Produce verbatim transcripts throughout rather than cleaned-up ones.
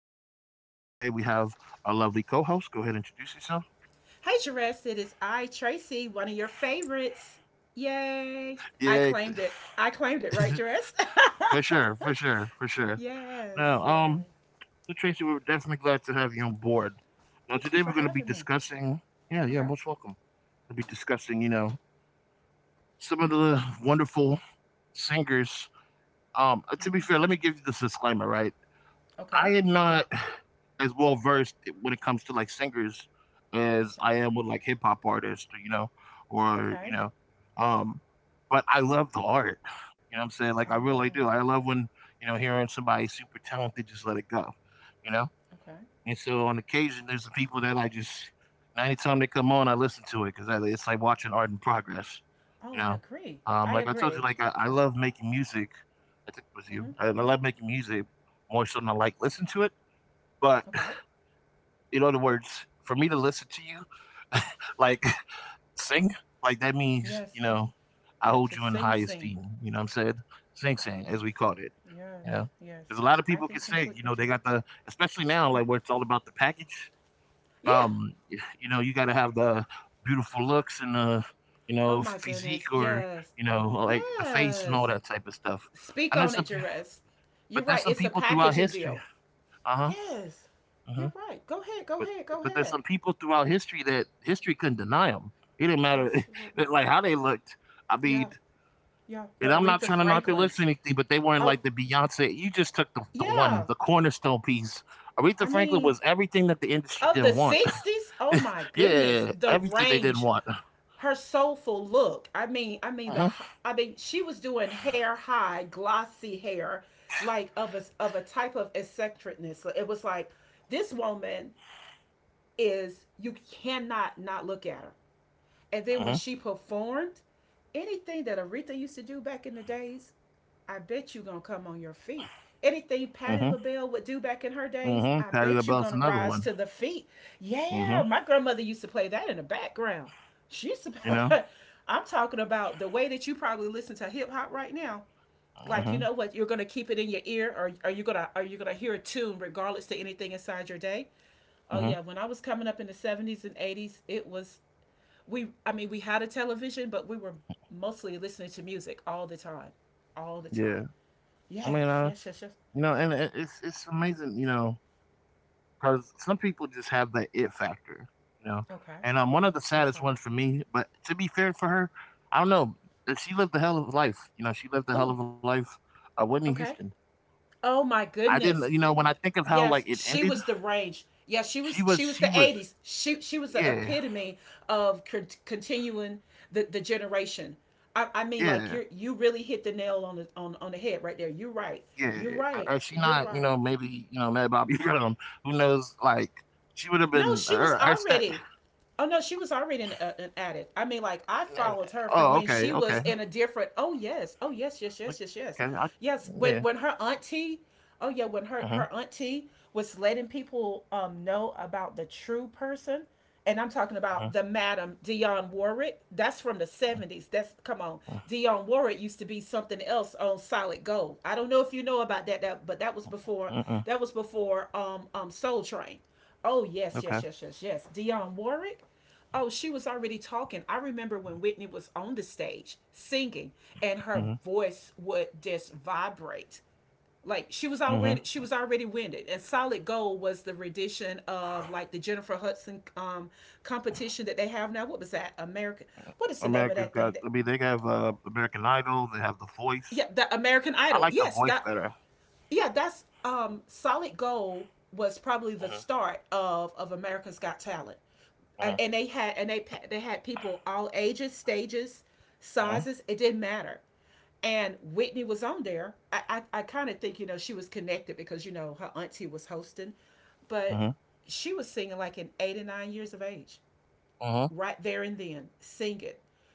name is Jerez, and today we have a lovely co-host. Go ahead and introduce yourself. Hey, Jerez, it is I, Tracy, one of your favorites. Yay. I Yeah, claimed it. I claimed it, right, Jerez? for sure, for sure, for sure. yes, Now, yeah. um, so Tracy, we're definitely glad to have you on board. Now, Thank you today for we're going to be having me. discussing. Yeah, yeah, Okay. most welcome. We'll be discussing, you know, some of the wonderful singers. Um, uh, to be fair, let Oh. me give you this disclaimer, right? I Okay. am not as well versed when it comes to, like, singers as Okay. I am with, like, hip hop artists, or, you know, or, Okay. you know, um, but I love the art, you know what I'm saying? Like, I Oh. really do. I love when, you know, hearing somebody super talented just let it go, you know? Okay. And so on occasion, there's the people that I just and anytime they come on, I listen to it because it's like watching art in progress, you Oh, I know? agree. Um, I Like I told you, agree. like, I I love making music. I think it was Mm-hmm. you. I I love making music more so than I like listen to it. But Okay. in other words, for me to listen to you, like sing, like that means, you Yes. know, I Yeah, hold to you in sing, high sing. esteem. You know what I'm saying? Sing Oh, sing, yes. as we called it. Yes. You know? Yes. Because a lot of I people can can sing, you completely know, do they got the especially now, it. like where it's all about the package. Yeah. Yeah. Um, y- you know, you gotta have the beautiful looks and the, you Oh, know, my physique goodness. or, Yes. you know, like the face and all Yes. that type of stuff. I Speak know on some it, Jerez. You're but There's right. some It's a people throughout packaging history. deal. Uh-huh. Yes. Mm-hmm. You're right. Go ahead. Go But ahead. Go but there's ahead. some people throughout history that history couldn't deny them. It didn't matter that, Absolutely. like how they looked. I Yeah. mean, Yeah. The and I'm not Aretha trying to knock their lips or Franklins. anything, but they weren't Oh, like the Beyonce. You just took the, the one, yeah. the cornerstone piece. Aretha I Franklin mean, was everything that the industry of the didn't want. sixties, oh my goodness. Yeah, The everything they didn't range, want. her soulful look. I mean, I mean the Hmm. I mean, she was doing hair high, glossy hair, like of a of a type of eccentricness. It was like this woman is you cannot not look at her. And then when Hmm. she performed, anything that Aretha used to do back in the days, I bet you gonna come on your feet. Anything Patti Hmm. LaBelle would do back in her days, Hmm. I Patti bet you LaBelle's gonna another rise one. to the feet. Hmm. Yeah, my grandmother used to play that in the background. She used to You play. know. I'm talking about the way that you probably listen to hip hop right now. Like Hmm. you know what, you're gonna keep it in your ear, or are you gonna are you gonna hear a tune regardless to anything inside your day? Oh yeah, Hmm. when I was coming up in the seventies and eighties, it was we I mean we had a television, but we were mostly listening to music all the time, all the Yeah. time. I mean, Yes, uh, yes, yes, yes. you know, and it- it's it's amazing, you know, because some people just have that it factor, you know. Okay, And um, one of the saddest okay. ones for me, but to be fair for her, I don't know. uh, She lived a hell of a life, you know. She lived a hell Who? of a life. Uh, Whitney Okay. Houston. Oh my I didn't, goodness. you know, when I think of how Yes, like it she ended, was the range. Yeah, she she was. was, She was she the was, eighties. She she was the yeah, epitome of con- continuing the the generation. I, I mean, like yeah, you you really hit the nail on the on on the head right there. You're right. yeah. You're Uh, uh, right. She You're not, you know, right. maybe you know Mad Bobby Brown. Who knows? Like she would have No, been. she was Her, her stat. already. Oh no, she was already an, uh, an addict. I mean, like I followed her from Oh, when okay, she okay, was in a different. Oh yes, oh yes, yes, yes, okay. yes, I, yes, yeah. yes. When when her auntie, oh yeah, Uh when huh. her her auntie was letting people um know about the true person, and I'm talking Uh about the Madam Dionne Warwick. That's from the huh. seventies. That's come on, Dionne Warwick used to be something else on Solid Gold. I don't know if you know about that, that but that was Uh huh. before that was before um um Soul Train. Oh Okay. yes, yes, yes, yes, yes. Dionne Warwick. Oh, she was already talking. I remember when Whitney was on the stage singing, and her Mm-hmm. voice would just vibrate. Like Mhm. she was already she was already winded. And Solid Gold was the rendition of like the Jennifer Hudson um competition that they have now. What was that? American. What is the name of America's that thing? got That, I mean, they have, uh, American Idol, they have The Voice. yeah, the I like The American Voice Idol. better. Yes, that yeah, that's um, Solid Gold was Mhm, probably the start of of America's Got Talent. Uh, mhm, and they had and they they had people all ages, stages, mhm, sizes. It didn't matter, and Whitney was on there. I I, I kind of think you know she was connected because you know her auntie was hosting, mhm, but she was singing like in eighty nine years of age, mhm, right there and then singing.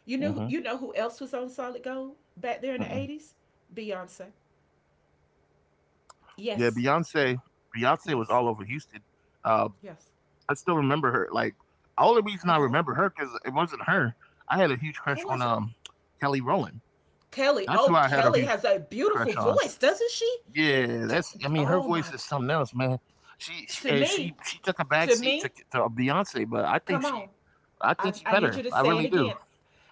You know mhm, you know who else was on Solid Gold back there in the mhm. eighties? Beyonce. Yeah, Yes, Beyonce Beyonce was all over yes. Houston. Um, Yes. I still remember her, like, the only reason I Okay. remember her her 'cause it wasn't her. I had a huge Who crush on, was it? um, Kelly Rowland. Kelly. That's who Oh, I had a Kelly huge has a crush on. beautiful voice, doesn't she? Yeah, that's I D- mean, her voice is oh something my. God. else, man. She she and To she she me, took a backseat to to me, to Beyonce, but I think come she on. I think she I, I better. need you I to say really it do. again.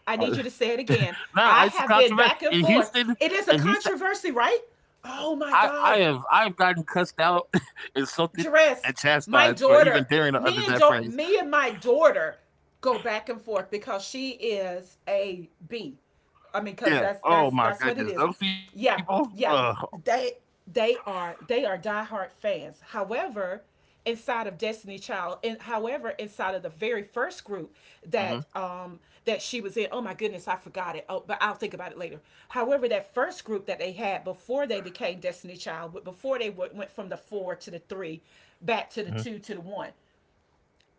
I need I, you to say it again. nah, I it's a have been controversy back and in forth. Houston. It is a In Houston, I, controversy, I right? have I've Oh gotten my cussed God. out, insulted, and chastised for Dress. even My daring to utter daughter, that phrase. me and da- me and my daughter go back and forth because she is a B. I mean, because Yeah. that's Oh that's my that's what it goodness, is. those people. Yeah, Uh, yeah. They they are they are diehard fans. However, inside of Destiny Child. And however, inside of the very first group mhm, that um that she was in, oh my goodness, I forgot it. Oh, but I'll think about it later. However, that first group that they had before they became Destiny Child, but before they w- went from the four to the three, back mhm. to the two to the one.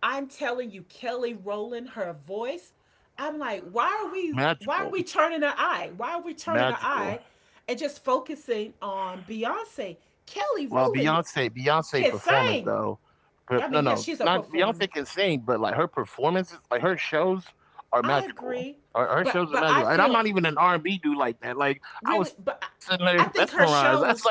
I'm telling you, Kelly Rowland, her voice. I'm like, why are we why are we Magical, turning our eye? Why are we turning our magical. eye and just focusing on Beyonce? Well, Kelly Beyonce, Rowland Beyonce can performance though. sing. Her no, I no, mean, yes, not she's a Beyonce can performer. sing, but, like, her performances, like, her shows are I magical. agree, Her her but shows are but I magical, and I'm feel not even an R and B dude like that, like, I was really, sitting but there I, I think mesmerized. I her was like, "Yeah." shows,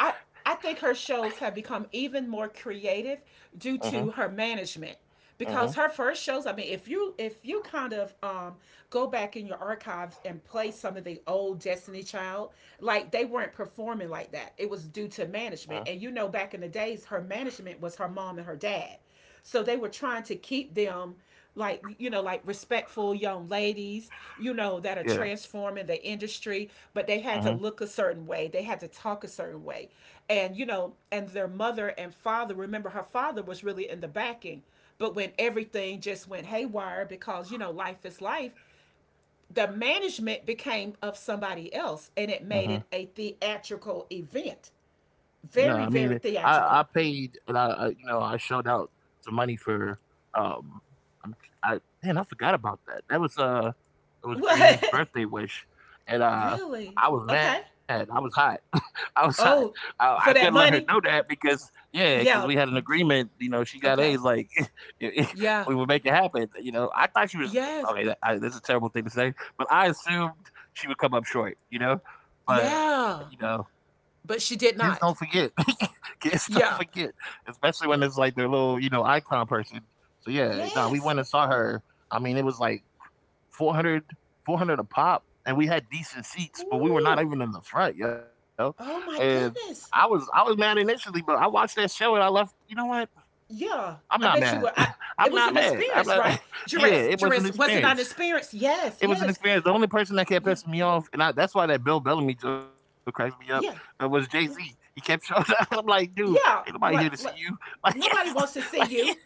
I I think her shows have become even more creative due Mhm, to her management mhm, because her first shows. I mean, if you if you kind of um go back in your archives and play some of the old Destiny Child, like they weren't performing like that. It was due to mhm, management, and you know, back in the days, her management was her mom and her dad. So they were trying to keep them like you know like respectful young ladies you know that are yeah, transforming the industry but they had to mhm, look a certain way they had to talk a certain way and you know and their mother and father remember her father was really in the backing but when everything just went haywire because you know life is life the management became of somebody else and it made mhm. it a theatrical event No, I mean, very very I I theatrical. paid and I I, you know, I shelled out some money for, um, I'm I man, I forgot about that. That was, uh, it was Brienne's What? birthday wish, and, uh, Really. I was mad. Okay. I was hot. outside. Oh, I, I couldn't let for her that know money? that because yeah, because we had an Yeah. agreement. You know, she got A's. Okay. Like it- it- we Yeah. would make it happen. You know, I thought she was Yes. okay. That- I, this a terrible thing to say, but I assumed she would come up short. You know, but you know, Yeah. But kids she don't did forget. not. Kids don't forget, Yeah. especially when it's like Yeah. their little you know icon person. So yeah, no, we went and Yes. saw her. I mean, it was like four hundred four hundred a pop, and we had decent seats, but we were not Ooh. even in the front, yo. Oh And my I was goodness. I was mad initially, but I watched that show and I left. You know what? Yeah. I'm not I mad. bet you were. I, I'm it not was an mad. I'm experience, not. right? Yeah, Jerez. it was an Jerez. Was it experience. an experience? Yes. It was an Yes. experience. The only person that kept Yeah. pissing me off, and I, that's why that Bill Bellamy joke cracks me up, uh, was Yeah. Jay Z. He Yeah. kept showing up. I'm like, dude, ain't nobody here Yeah, to see like you. like Like, nobody like wants to see you.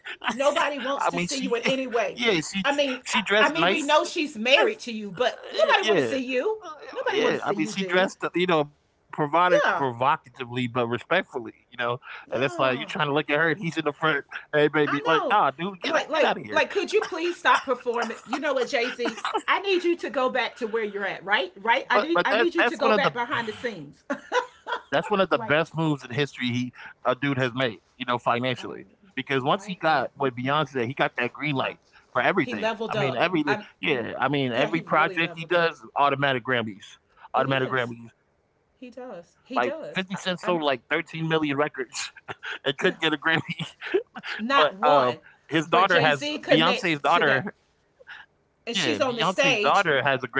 I Nobody mean, wants to she, see you in any yeah, way. she I she mean, I, dressed I mean, nice. we know she's married to you, but Uh, nobody want yeah. to see Uh, you. Nobody Yeah, want I to see mean, she you, dressed, dude. you know, provocative, Yeah, provocatively, but respectfully, you know. And it's like you trying to yeah, look at her, and he's in the front. Hey, baby, like, I nah, know. dude, get out, get Like, out of like, here. like, could you please stop performing? You know what, Jay Z? I need you to go back to where you're at, right? Right? I But need, but I that need you to that's one go of back the behind the scenes. That's one of the best moves like, in history he a dude has made, you know, financially. I, Because once he I got agree. with Beyonce, he got that green light Yeah, for he everything. I leveled mean, up. every I'm, yeah, I mean, yeah, every he really project he leveled up. does, automatic Grammys, It automatic is. Grammys. Like He Fifty Cent does. sold He like does. thirteen I, million I'm. records and couldn't get a Grammy, Yeah, but um, not his daughter one, has but Jay Beyonce's Z daughter. connects to that, Yeah, and she's Beyonce's on the daughter has stage. a Grammy.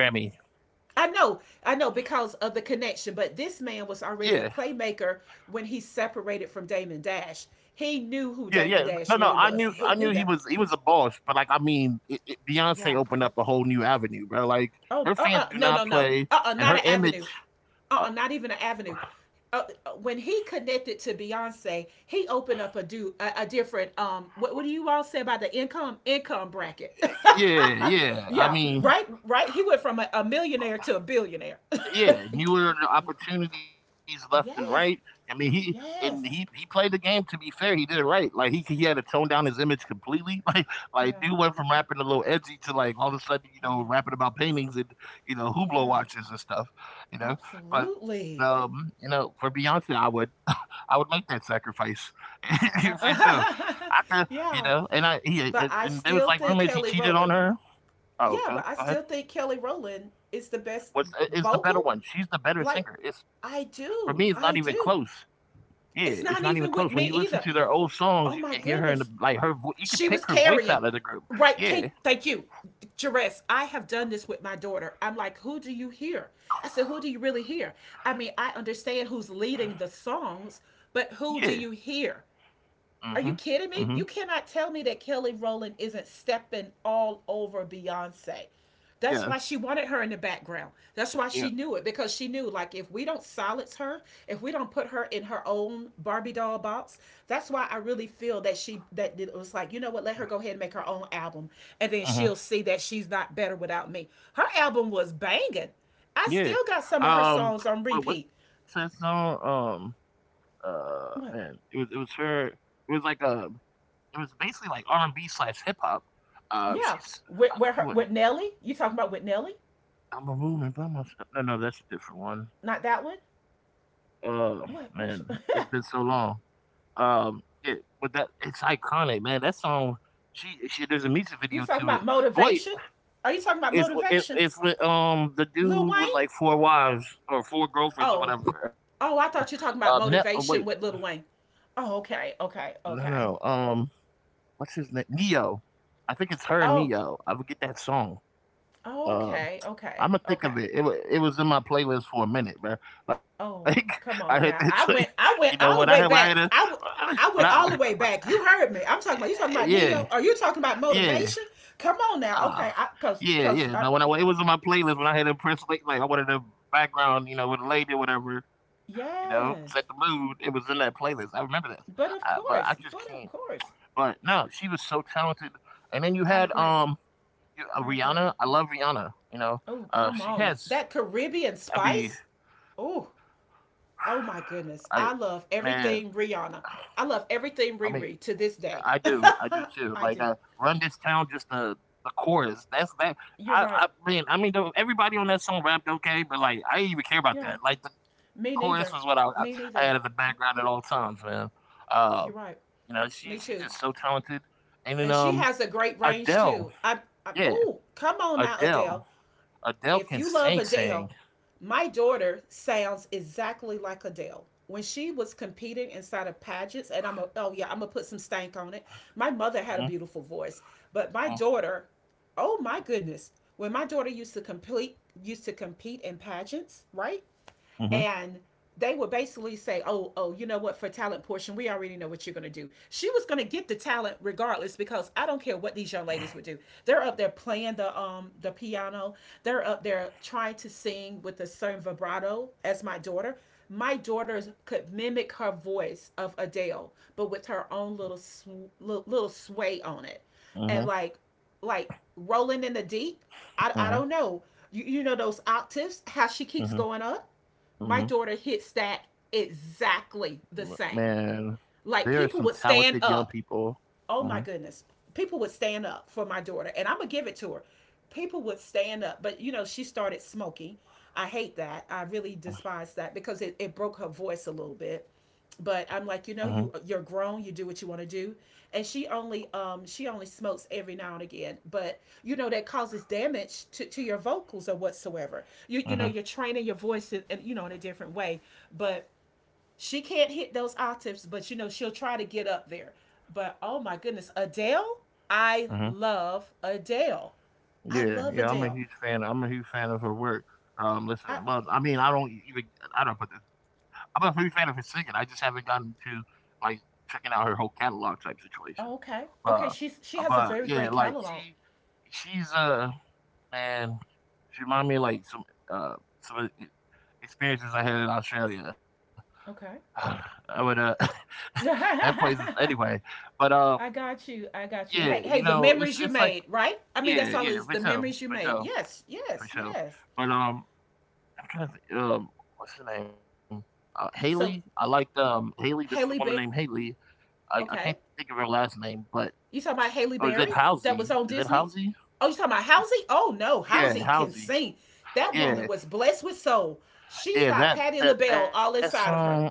I know, I know, because of the connection. But this man Yeah, was already a playmaker when he separated from Damon Dash. He Yeah, knew yeah. who No, Damon no. Dash I really knew, I was. knew He he knew was, he that. was a boss. But like, I mean, it, it, Beyonce Yeah, opened up a whole new avenue, bro. Like, Oh, her uh, uh fans do no, no, not no, play, uh, uh and not her an image. avenue, uh, Uh, uh not even an avenue. Uh, uh, when he connected to Beyonce, he opened up a do a, a different um. What, what do you all say about the income income bracket? yeah, yeah. I yeah, mean, right, right. He went from a, a millionaire to a billionaire. yeah. Newer opportunities left and right. I yes, mean, he and he he yes, played the game. To be fair, he did it right. Like he he had to tone down his image completely. Like like dude yeah, went from rapping a little edgy to like all of a sudden you know yeah, rapping about paintings and you know Hublot yeah. watches and stuff. You know, but Absolutely. um, you know, for Beyonce, I would. I would make that sacrifice for sure. I Uh, could, you know, yeah. and I he and, But and I there was like still rumors think he Kelly cheated on Rowland. her. Oh, go, Yeah, go but I ahead. still think Kelly Rowland is the best What's is the better vocal. one? She's the better Like, singer. It's for I me, it's not even do. I close. do. Yeah, it's not It's even not close. When you even with listen me to their either. old songs, you can Oh hear my her in the goodness. like her. vo- You can pick She her was voice out of the carrying. group. Right, Yeah, Kate, thank you. Jerez, I have done this with my daughter. I'm like, who do you hear? I said, who do you really hear? I mean, I understand who's leading the songs, but yeah. who do you hear? Mhm. Are you kidding Mhm. me? You cannot tell me that Kelly Rowland isn't stepping all over Beyonce. That's Yeah. why she wanted her in the background. That's why Yeah. she knew it because she knew like if we don't silence her, if we don't put her in her own Barbie doll box, that's why I really feel that she that it was like, you know what, let her go ahead and make her own album and then Mhm. she'll see that she's not better without me. Her album was banging. I Yeah. still got some of her Um. songs on Well, what's repeat. that song? Um. Uh. Man, it What? was it was her. It was like a It was basically like R and B slash hip hop. Uh, Yeah. she's With I where forget her what with Nelly? You talking about with Nelly? I'm a moving by myself. No, no, that's a different one. Not that one. Uh, Man, What? it's Which? been One? so long. Um, yeah, but that it's iconic, man. That song. She, she there's a music video you to talking it. about Wait, motivation? Are you talking about it's it, motivation, it's with um the Lil dude with Wayne? like four wives or four girlfriends or Oh, whatever. oh, I Uh, ne- thought you were oh, talking wait, about motivation with Lil Wayne. Oh, okay, no, okay, no. okay. Um, what's his name? Neo. I think it's her and Oh, Neo. I forget that song. uh, okay, okay, I'ma think of okay. it. It wa It was in my playlist for a minute, bro. Like Oh, I heard come that on joint, now. I you went, know, I when I went heard when all I the heard way a, back. I went. when I I went when, all the way back. You heard me. I'm talking about you talking about yeah, Neo. Are you talking about yeah. motivation? Come on Uh, now. Okay. I cuz yeah, yeah. cuz Now when I I when it was in my playlist when I had impressed like like I wanted a background, you know, with a lady or whatever, you know, set the yes. mood. It was in that playlist. I remember this. Uh, But But of I just course. can't. But of course. But no, she was so talented. And then you had I agree. um you- uh, I agree. Rihanna. I love Rihanna, you know. Oh, Uh come she on. has That Caribbean I mean spice? Oh, oh my I goodness. I love man, everything Rihanna. I love I everything mean, Riri to this I day. do, I do too. I Like, uh, do. "Run This Town," just the the chorus. That's that. You're I, right. I mean, I mean, though, everybody on that song rapped okay, but like, I didn't even care about Yeah. that. Like, the chorus was Me what I I, neither. I had in Me the neither. background at all times, man. Uh, You're right. you know, she she's Me just so too. talented. And then And um, she has a great range Adele, too. I, I yeah, oh, come on now, Adele, Adele. Adele If can you love sing, sing. Adele, my daughter sounds exactly like Adele when she was competing inside of pageants. And I'm a, oh yeah, I'm gonna put some stank on it. My mother had Mhm, a beautiful voice, but my mm, daughter, oh my goodness, when my daughter used to complete used to compete in pageants, right? mhm, And they would basically say, "Oh, oh, you know what? For talent portion, we already know what you're going to do." She was going to get the talent regardless because I don't care what these young ladies would do. They're up there playing the um the piano. They're up there trying to sing with a certain vibrato as my daughter. My daughters could mimic her voice of Adele, but with her own little sw- little sway on it. And mhm, like like rolling in the deep, I I mhm, don't know. You you know those octaves how she keeps mhm, going up? My mhm. daughter hit stat M exactly the same. man, there are Like some people would talented stand young up, people. oh Mhm, my goodness, people would stand up for my daughter, and I'm gonna give it to her. People would stand up, but you know, she started smoking. I hate that. I really despise that because it, it broke her voice a little bit. mhm, But I'm like, you know, you you're grown. You do what you want to do, and she only um she only smokes every now and again. But you know that causes damage to, to your vocals or whatsoever. You you mhm, know you're training your voice in, in you know in a different way. But she can't hit those octaves, but you know, she'll try to get up there. But oh my goodness, Adele, I mhm. love Adele. I Yeah, love yeah, I'm a Adele. huge fan I'm a huge fan of her work. Um, listen, I well, I mean, I don't even I don't put this I'm a huge fan of her singing. I just haven't gotten to, like, checking out her whole catalog type situation. oh, okay. But, Okay, she's she has a but, very yeah, great like, catalog. she she's a man, she remind me, like, some, uh, some experiences I had in Australia. Okay. I would uh that place is anyway. But um I got you. I got yeah, you. Hey, you hey, the know, it's memories it's you like, made, right? I mean, yeah, that's all yeah, is for the sure. memories you For made. sure. Yes, For yes, sure. yes. But um I'm trying to think, um what's her name? Uh, Haley. I So, liked um Haley, this is a woman named Haley Bear, Haley. I, I can't okay. think of her last name, but You talking she about Haley or is it Berry that was Halsey? on Is it Disney? Halsey? Oh, you talking about Halsey? Oh no, Yeah, Halsey can Halsey. sing. That woman Yeah, was blessed with soul. She's yeah, got that Patti that LaBelle that all inside of song, her.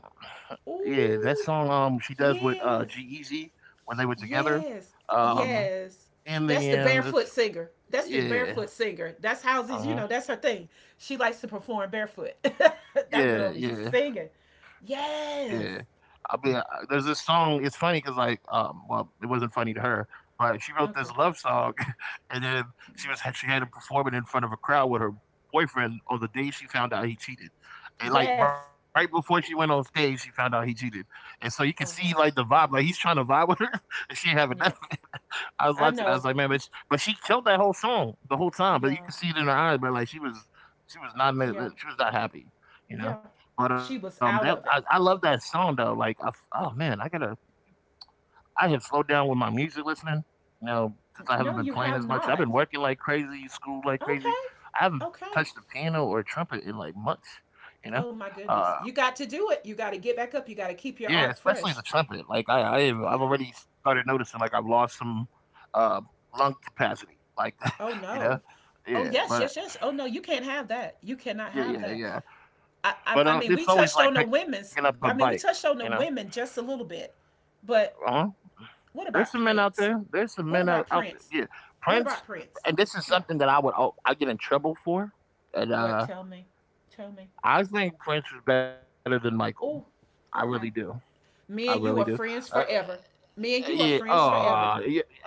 yeah, that song Ooh, um she does with uh G yes, Easy when they were together. yes, Um yes. In That's the the barefoot end, it's, singer. That's the barefoot yeah. singer. That's Halsey's, you know, that's Uh-huh. her thing. She likes to perform barefoot. That girl be Yeah, singing. yeah, Yes. yeah. I mean, I there's this song. It's funny because, like, um, well, it wasn't funny to her, but she wrote Okay. this love song, and then she was she had to perform it in front of a crowd with her boyfriend on the day she found out he cheated. Yes. And, like, right before she went on stage, she found out he cheated, and so you can Oh see, wow. like, the vibe, like, he's trying to vibe with her, and she ain't having Yeah. nothing. I was I watching, I know. was like, "Man, but sh but she killed that whole song the whole time, but you Yeah. could see it in her eyes, but, like, she was she was not in it, uh, Yeah. she was not happy, you know?" Yeah. But, She um, that was I out I of it. love that song, though. Like, I f oh, man, I gotta I have slowed down with my music listening, you know, since I haven't No, been you playing have as much. I've been not. working like crazy, school like crazy. Okay. I haven't Okay. touched the piano or trumpet in, like, months, you know? Oh my goodness. Uh, You got to do it. You got to get back up. You got to yeah, keep your especially the art trumpet. fresh. Like I, I have, I've already Yeah. started noticing like I've lost some uh, lung capacity. Like Oh you know, no. Oh yeah. yes, But uh, yes, yes. Oh no, you can't have that. You cannot yeah, have yeah, that. yeah. I, I, But I uh, mean, we it's always touched like on the picking up a women's. bike. I mean, we You know, touched on the women just a little bit, uh huh. but There's what some men about out there. Prince? There's some men What out, out about there. Yeah, Prince? What Prince. about And Prince? this is Yeah. something that I would oh, I get in trouble for. And What? uh, Tell me. Tell me. I think Prince was better than Michael. Oh. I really do. Okay. I really Me do. and you are Uh, friends forever. Me yeah. and you are friends Oh, forever. yeah.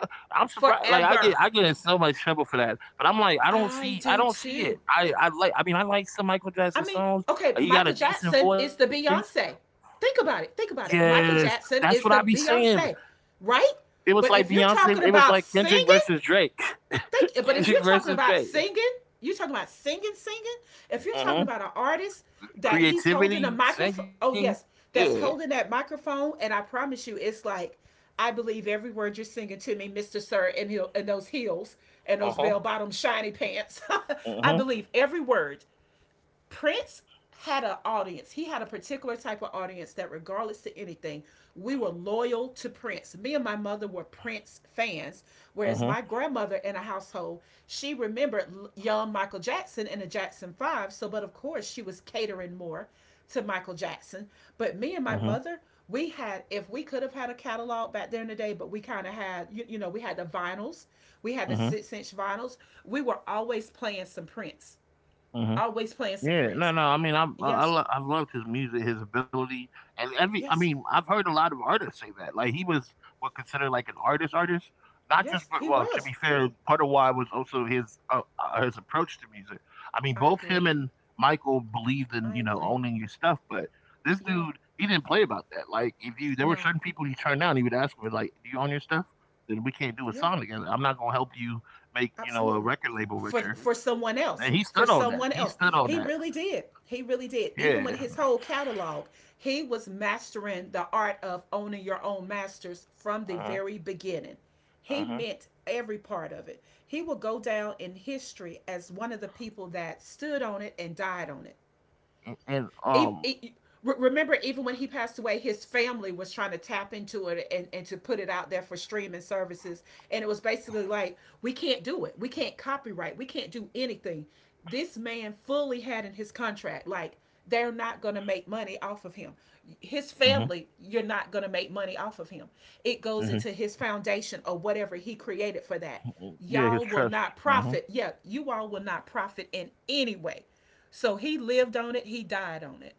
I'm surprised. Like I get, I Forever. get in so much trouble for that. But I'm like, I don't see, I I do don't see it. too. I, I like. I mean, I like some Michael I Jackson mean, songs. okay, Uh, He got a Michael decent Jackson is voice. the Beyonce. Think about it. Think about it. Yes, Michael that's what I Jackson be is the saying. Beyonce, right? It was like But if you're Beyonce. It was talking like about Kendrick versus singing, Drake. thank you. But Kendrick if you're versus talking about Drake. singing, you're talking about singing, singing. If you're Uh-huh. talking about an artist that he's holding a Creativity, microphone, singing. oh yes, Yeah. that's holding that microphone, and I promise you, it's like I believe every word you're singing to me, Mister Sir, and he'll and those heels and Uh those huh. bell bottom shiny pants. Uh I huh. believe every word. Prince had an audience. He had a particular type of audience that, regardless to anything, we were loyal to Prince. Me and my mother were Prince fans, Uh whereas huh. my grandmother in a household, she remembered young Michael Jackson and the Jackson Five. So, but of course, she was catering more to Michael Jackson. But Uh me and huh. my mother, we had, if we could have had a catalog back there in the day, but we kind of had, you, you know, we had the vinyls, we had the Uh six inch vinyls. We were always playing some Prince huh. always playing some Yeah, no, Prince. no. I mean, I'm, I I Yes, lo- I've loved his music, his ability, and every. I yes, mean, I've heard a lot of artists say that. Like he was what considered like an artist, artist. Not just, yes, but he well, to be was. fair, part of why was also his uh, uh, his approach to music. I mean, I both agree. him and Michael believed in I you know agree. owning your stuff, but this Yeah, dude, he didn't play about that. Like if you, there were no, certain people he turned down. He would ask me like, "Do you own your stuff? Then we can't do a yeah, song together. I'm not gonna help you make you know a absolutely. record label For richer." for someone else, And he for stood on that. someone He else, stood on he that, really did. He really did. Even with yeah. his whole catalog, he was mastering the art of owning your own masters from the Mhm, very beginning. He mhm. meant every part of it. He will go down in history as one of the people that stood on it and died on it. A and, e- um e- Remember even when he passed away, his family was trying to tap into it and, and to put it out there for streaming services, and it was basically like we can't do it, we can't copyright, we can't do anything. This man fully had in his contract like they're not going to make money off of him, his Mhm, family, you're not going to make money off of him. It goes mhm. into his foundation or whatever he created for that. Mm, yeah, his Y'all will trust. not Mhm. profit, yeah, you all will not profit in any way. So he lived on it, he died on it.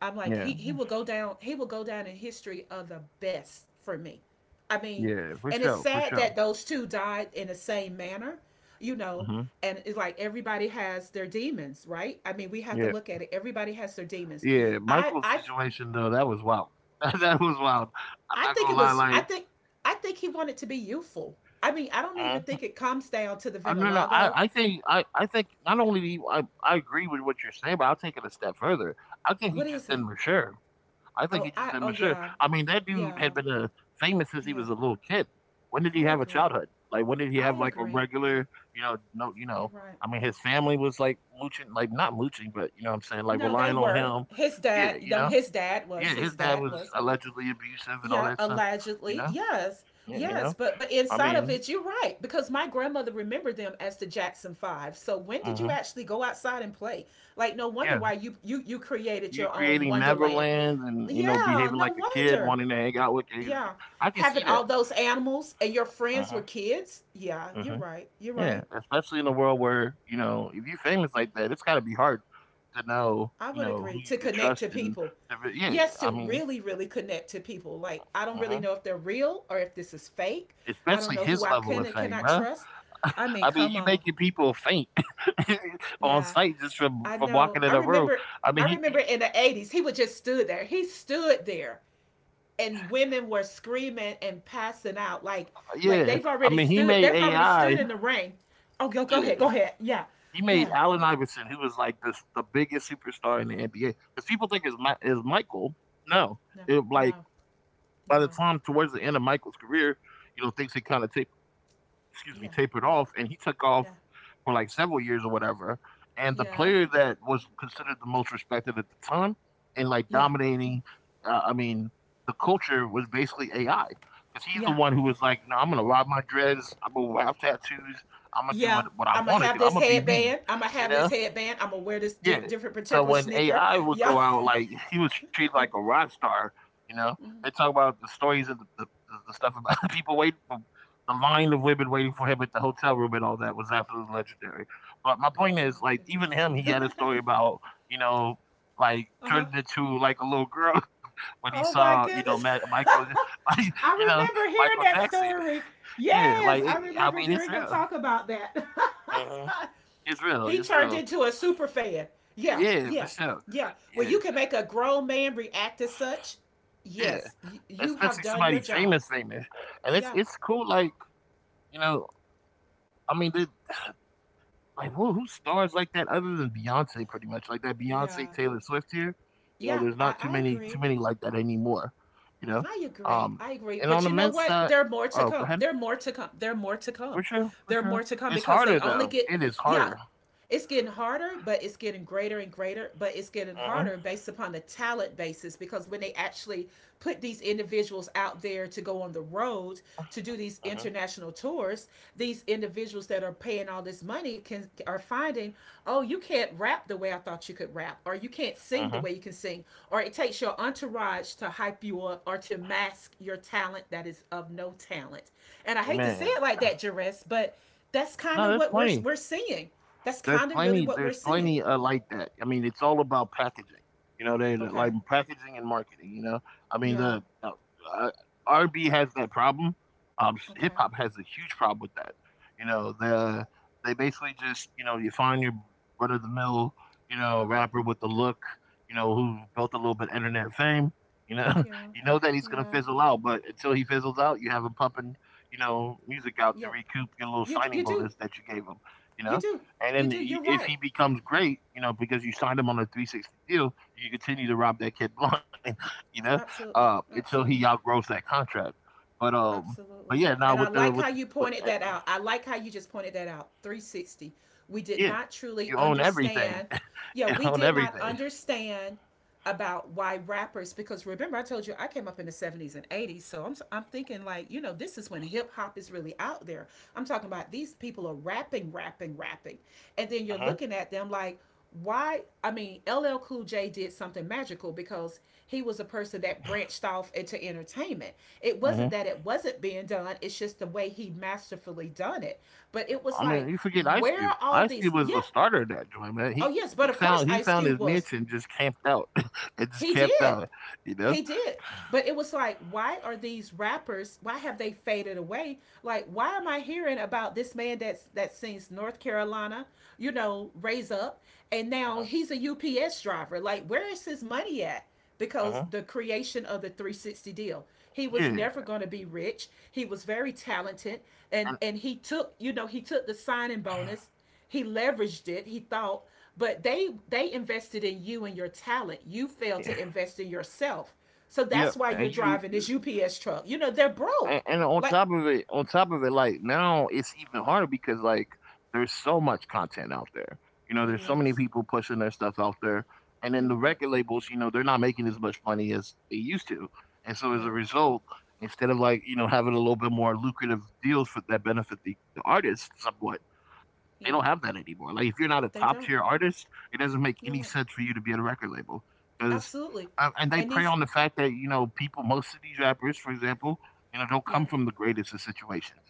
I'm like Yeah, he he will go down, he will go down in history of the best for me. I mean, yeah, for and it's sure, for sad sure. that those two died in the same manner, you know, Mhm. and it's like everybody has their demons, right? I mean, we have to Yeah, look at it. Everybody has their demons. yeah, I Michael's I situation though, that was wild. That was wild. I'm I not think gonna it lie, was I like. think I think he wanted to be youthful. I mean, I don't even Mhm. think it comes down to the I No, no, I Venelago. I think I I think not only do you I I agree with what you're saying, but I'll take it a step further. I think he What just is it? didn't mature. I think Oh, he just I didn't oh mature. yeah. I mean, that dude Yeah. had been uh, famous since he Yeah. was a little kid. When did he I have a agree. childhood? Like, when did he I have like a agree. regular, you know, no, you You're know, right. I mean, his family was like mooching, like not mooching, but you know what I'm saying, like No, they relying on were. him. His Yeah, dad, you you know, know, his dad was, yeah, his his dad dad was was, allegedly abusive and all yeah, that stuff. You allegedly. know, Yes. yeah, you Yes, know, but but I inside of mean, it, you're right because my grandmother remembered them as the Jackson Five. So when did you mhm, actually go outside and play? Like, no wonder yeah, why you you you created you your own creating Wonderland. Neverland and you know Yeah, behaving no like a kid, wonder. wanting to hang out with kids. Yeah, I can having see all that. those animals and your friends were Uh kids. Yeah, you're huh. right. You're Yeah, right. especially in a world where, you know, if you're famous Yeah. like that, it's got to be hard to know, I you would know, who agree you to could connect trust to and people. to re- yeah, Yes, to I mean, really, really connect to people. Like I don't really hmm know if they're real or if this is fake. I don't especially know who his I level can of and fame, cannot bruh. trust. I mean, I mean, come you on. making people faint on Yeah, sight just from I from know. walking I in a room. remember. I I mean, he, he remember in the eighties, he would just stood there. He stood there, and women were screaming and passing out like, like yeah, they've I already mean, he stood. made They've already stood A I. in the rain. Oh, go, go Yeah, ahead, go ahead. Yeah, he made yeah. Allen Iverson, who was like this the biggest superstar in the N B A. Because people think it's my, is Michael. No, No, it, like no, by the no. time towards the end of Michael's career, you know, things had kind of tape, excuse me, Yeah, tapered off, and he took off yeah, for like several years or whatever. And the yeah, player that was considered the most respected at the time and like yeah, dominating, uh, I mean, the culture was basically A I because he's the yeah. one who was like, you know, I'm gonna rob my dreads, I'm gonna have tattoos, I'm gonna do Yeah, what what I I'm gonna want to have do, I'm this gonna be me, headband. I'm gonna you have this know. headband. I'm gonna wear this di- Yeah. different So particular when sneaker. A I would Yeah. go out, like he was treated like a rock star. You know, they talk about the stories of the, the, the stuff about people waiting for the line of women waiting for him at the hotel room, and all that was absolutely legendary. But my Oh point my is, like, even him, he had a goodness. story about you know, like Uh huh. turning into like a little girl when he Oh saw my you know Ma- goodness. Michael, you I know remember Michael hearing that Jackson. story. Yeah, like Yes, I it, I remember mean, it's hearing him real. talk about that. Mhm. It's real. He It's turned real. into a super fan. Yeah, Yeah, for yeah, sure. yeah. Well, Yeah. you can make a grown man react as such. Yeah, Yes, y- you have especially done somebody your job. famous, famous, and it's Yeah, it's cool. Like you know, I mean, the- like who who stars like that other than Beyonce? Pretty much like that Beyonce yeah, Taylor Swift here. You know, yeah. There's I, not too I many too agree. many like that anymore. You know, I agree. um, I agree. and on But the you know men's what? side, There are more to oh, go come. ahead, There are more to come. There are more to for come. sure, for There are sure. more to come It's because harder they only though. get, It is yeah, harder. it's getting harder, but it's getting greater and greater, but it's getting Mhm, harder based upon the talent basis because when they actually put these individuals out there to go on the road to do these mhm, international tours, these individuals that are paying all this money can are finding oh you can't rap the way I thought you could rap, or you can't sing mhm. the way you can sing, or it takes your entourage to hype you up or to mask your talent that is of no talent. And I hate to say Amen. it like that, Jerez, but that's kind No, of there's what we're plenty. we're seeing. That's There's kind of really plenty. what we're There's seeing. plenty, uh, like that. I mean, it's all about packaging. You know, they they- Okay, like packaging and marketing. You know, I mean yeah, the uh, uh, R and b has that problem. Um, hip okay, hop has a huge problem with that. You know, the they basically just you know you find your run of the mill you know okay, rapper with the look. You know, who built a little bit internet fame. You know, yeah, you know that he's gonna yeah, fizzle out, but until he fizzles out, you have him pumping, you know, music out to yep, recoup your little you signing you do, bonus that you gave him. You you know, do, and you then do, i- you're if right, he becomes great, you know, because you signed him on a three sixty deal, you can continue to rob that kid blind, you know, absolutely, uh, until he absolutely. outgrows that contract. But um, but Absolutely. yeah, now And I with the like how with, you with pointed that uh, out. I like how you just pointed that out. three sixty. We did yeah, not truly you own everything. understand. Yeah, You we own did not everything. understand about why rappers because remember I told you I came up in the seventies and eighties, so I'm I'm thinking like you know this is when hip hop is really out there. I'm talking about these people are rapping rapping rapping, and then you're Uh-huh. looking at them like why. I mean L L Cool J did something magical because he was a person that branched off into entertainment. It wasn't Uh-huh. that it wasn't being done, it's just the way he masterfully done it. But it was I mean, like, you forget Ice where Cube. are all Ice Cube these? was Yep, the yeah, starter of that joint, man. oh He yes, but he of course found he Ice found his Cube was. niche and just camped out. And just he camped did out, you know. he did. But it was like, why are these rappers? Why have they faded away? Like, why am I hearing about this man that's that sings North Carolina, you know, raise up, and Uh now huh. he's a U P S driver? Like, where is his money at? Uh Because huh. the creation of the three sixty deal, he was Yeah. never going to be rich. He was very talented, and And, and he took, you know, he took the signing bonus, he leveraged it, he thought, but they they invested in you and your talent. You failed yeah. to invest in yourself. So that's Yep. why And you're you driving this U P S truck. You know, they're and, broke. and on Like top of it, on top of it, like now it's even harder because like there's so much content out there. You know, it There's so many is. people pushing their stuff out there, and You're then the right. record labels, you know, they're not making as much money as they used to, and so as a Yeah. result, instead of like you know having a little bit more lucrative deals for that benefit the, the artist somewhat, they Yeah. don't have that anymore. Like, if you're not a They top don't. tier artist, it doesn't make You're any right. sense for you to be at a record label because, Absolutely. uh, and they And prey these, on the fact that you know people, most of these rappers, for example, you know, don't yeah, come from the greatest of situations.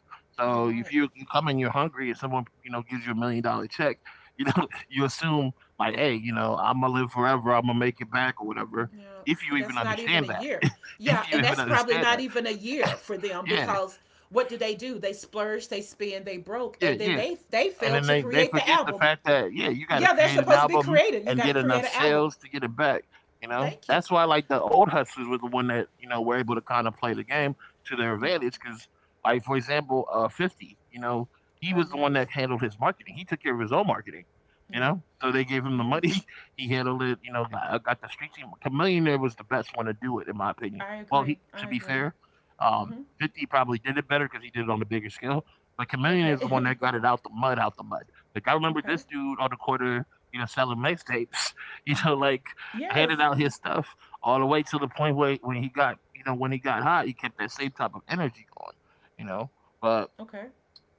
you're So if right. you, you come and you're hungry and someone you know gives you a million dollar check, you know, you assume like, hey, you know, I'm gonna live forever, I'm gonna make it back or whatever. Yeah. If you even That's not even a understand that, year. Yeah, if you and even that's probably understand not that, even a year for them yeah, because what do they do? They splurge, they spend, they broke, yeah, and then yeah. they they And fail then to they, they create the forget the album. fact that yeah you got to Yeah, they're create an supposed to be album creative. You and got to get create enough an album. sales to get it back. You know, Thank you. that's why like the old hustlers were the one that you know were able to kind of play the game to their Yeah. advantage because, like for example, uh fifty, you know, he Oh was the one yes. that handled his marketing. He took care of his own marketing, you Yeah. know, so they gave him the money. Yes. He handled it, you know, got, uh, got the street team. Millionaire was the best one to do it in my opinion. I Well, agree. he, I to be agree. fair, um Mhm. fifty probably did it better because he did it on a bigger scale. Like Chameleon is the Okay. one that got it out the mud, out the mud. Like I remember okay. this dude on the corner, you know, selling mixtapes, you know, like handing Yes. out his stuff all the way to the point where when he got, you know, when he got hot, he kept that same type of energy going, you know. But, Okay.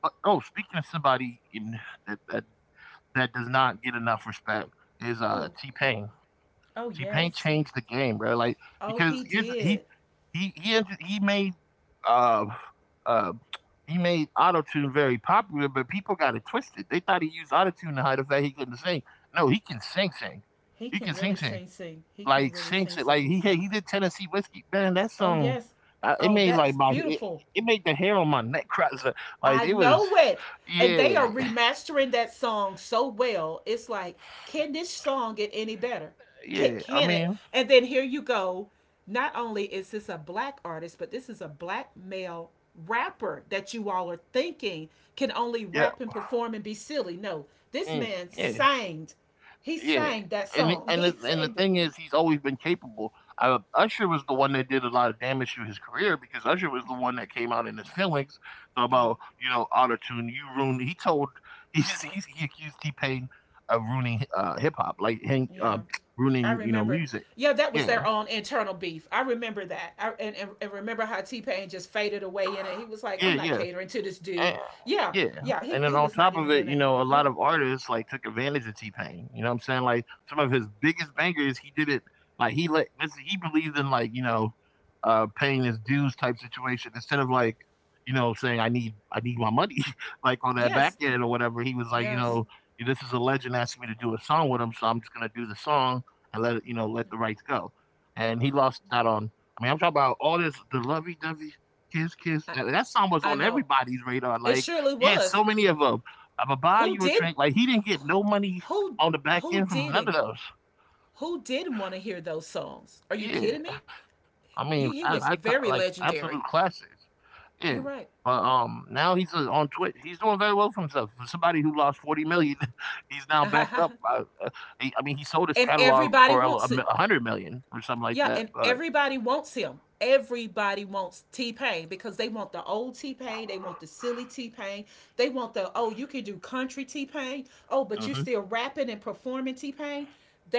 but oh, speaking of somebody in, that, that that does not get enough respect is uh Who? T Pain. Oh T-Pain yes. changed the game, bro. Like Oh, he because here's he did. he he he made uh uh he made autotune very popular, but people got it twisted. They thought he used autotune to hide the fact he couldn't sing. No, he can sing sing. He He can can sing really sing. sing sing. He can Like really sing sing sing. Like sing. he had- he did Tennessee whiskey. Man, that Oh song, yes. uh, it Oh, made like that's my it, beautiful. it made the hair on my neck cry. So, like I it was, know it. And they yeah, are remastering that song so well. It's like, can this song get any better? Can, yeah. I can it? mean, And then here you go. Not only is this a black artist, but this is a black male rapper that you all are thinking can only yeah, rap and perform and be silly. No, this mm, man yeah. sang. He Yeah, sang that and the- song. and He the, and the sang it. thing is, he's always been capable. Uh, Usher was the one that did a lot of damage to his career because Usher was the Okay. one that came out in his feelings Yeah. about you know auto tune. You ruined. He told he's, he's he accused T Pain of ruining uh, hip hop, like hang, Yeah. um I ruining you know remember. music. Yeah, that was Yeah, their own internal beef. I remember that. I and, and, and remember how T Pain just faded away in it? He was like, yeah, I'm not yeah. catering to this dude. And Yeah, yeah, yeah, he, and he then on was not top even of doing it, you it. know, a Yeah. lot of artists like took advantage of T Pain. You know what I'm saying? Like some of his biggest bangers, he did it like he let this he believed in like, you know, uh paying his dues type situation instead of like, you know, saying I need I need my money like on that back Yes. end or whatever. He was like, you Yes. know, this is a legend asking me to do a song with him, so I'm just gonna do the song and let it, you know, let the rights go. And he lost out on, I mean, I'm talking about all this the lovey dovey Kiss Kiss. I That, that song was I on know. everybody's radar. It Like surely he had was. so many of them. I'ma buy Who you a did drink. Like he didn't get no money who on the back who end from none didn't of those. who didn't want to hear those songs? Are you Yeah, kidding me? I mean, I, You, I he ca- was like very absolute legendary. classics. Yeah, You're but right. um, now he's, uh, on Twitch. He's doing very well for himself. For somebody who lost forty million, he's now back up. I, uh, he, I mean, he sold his and catalog for everybody a, a wants mi- it. a hundred million or something like Yeah, that. and But everybody wants him. Everybody wants T Pain because they want the old T Pain. They want the silly T Pain. They want the, oh, you can do country T Pain. Oh, but uh you're huh, still rapping and performing T Pain.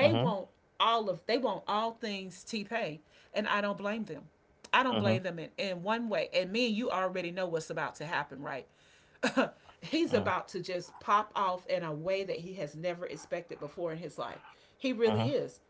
uh huh, want all of, they want all things T Pain. And I don't blame them. I don't uh blame them in, in one way. And me and you already know what's about to happen, right? He's huh, about to just pop off in a way that he has never expected before in his life. He uh huh. really is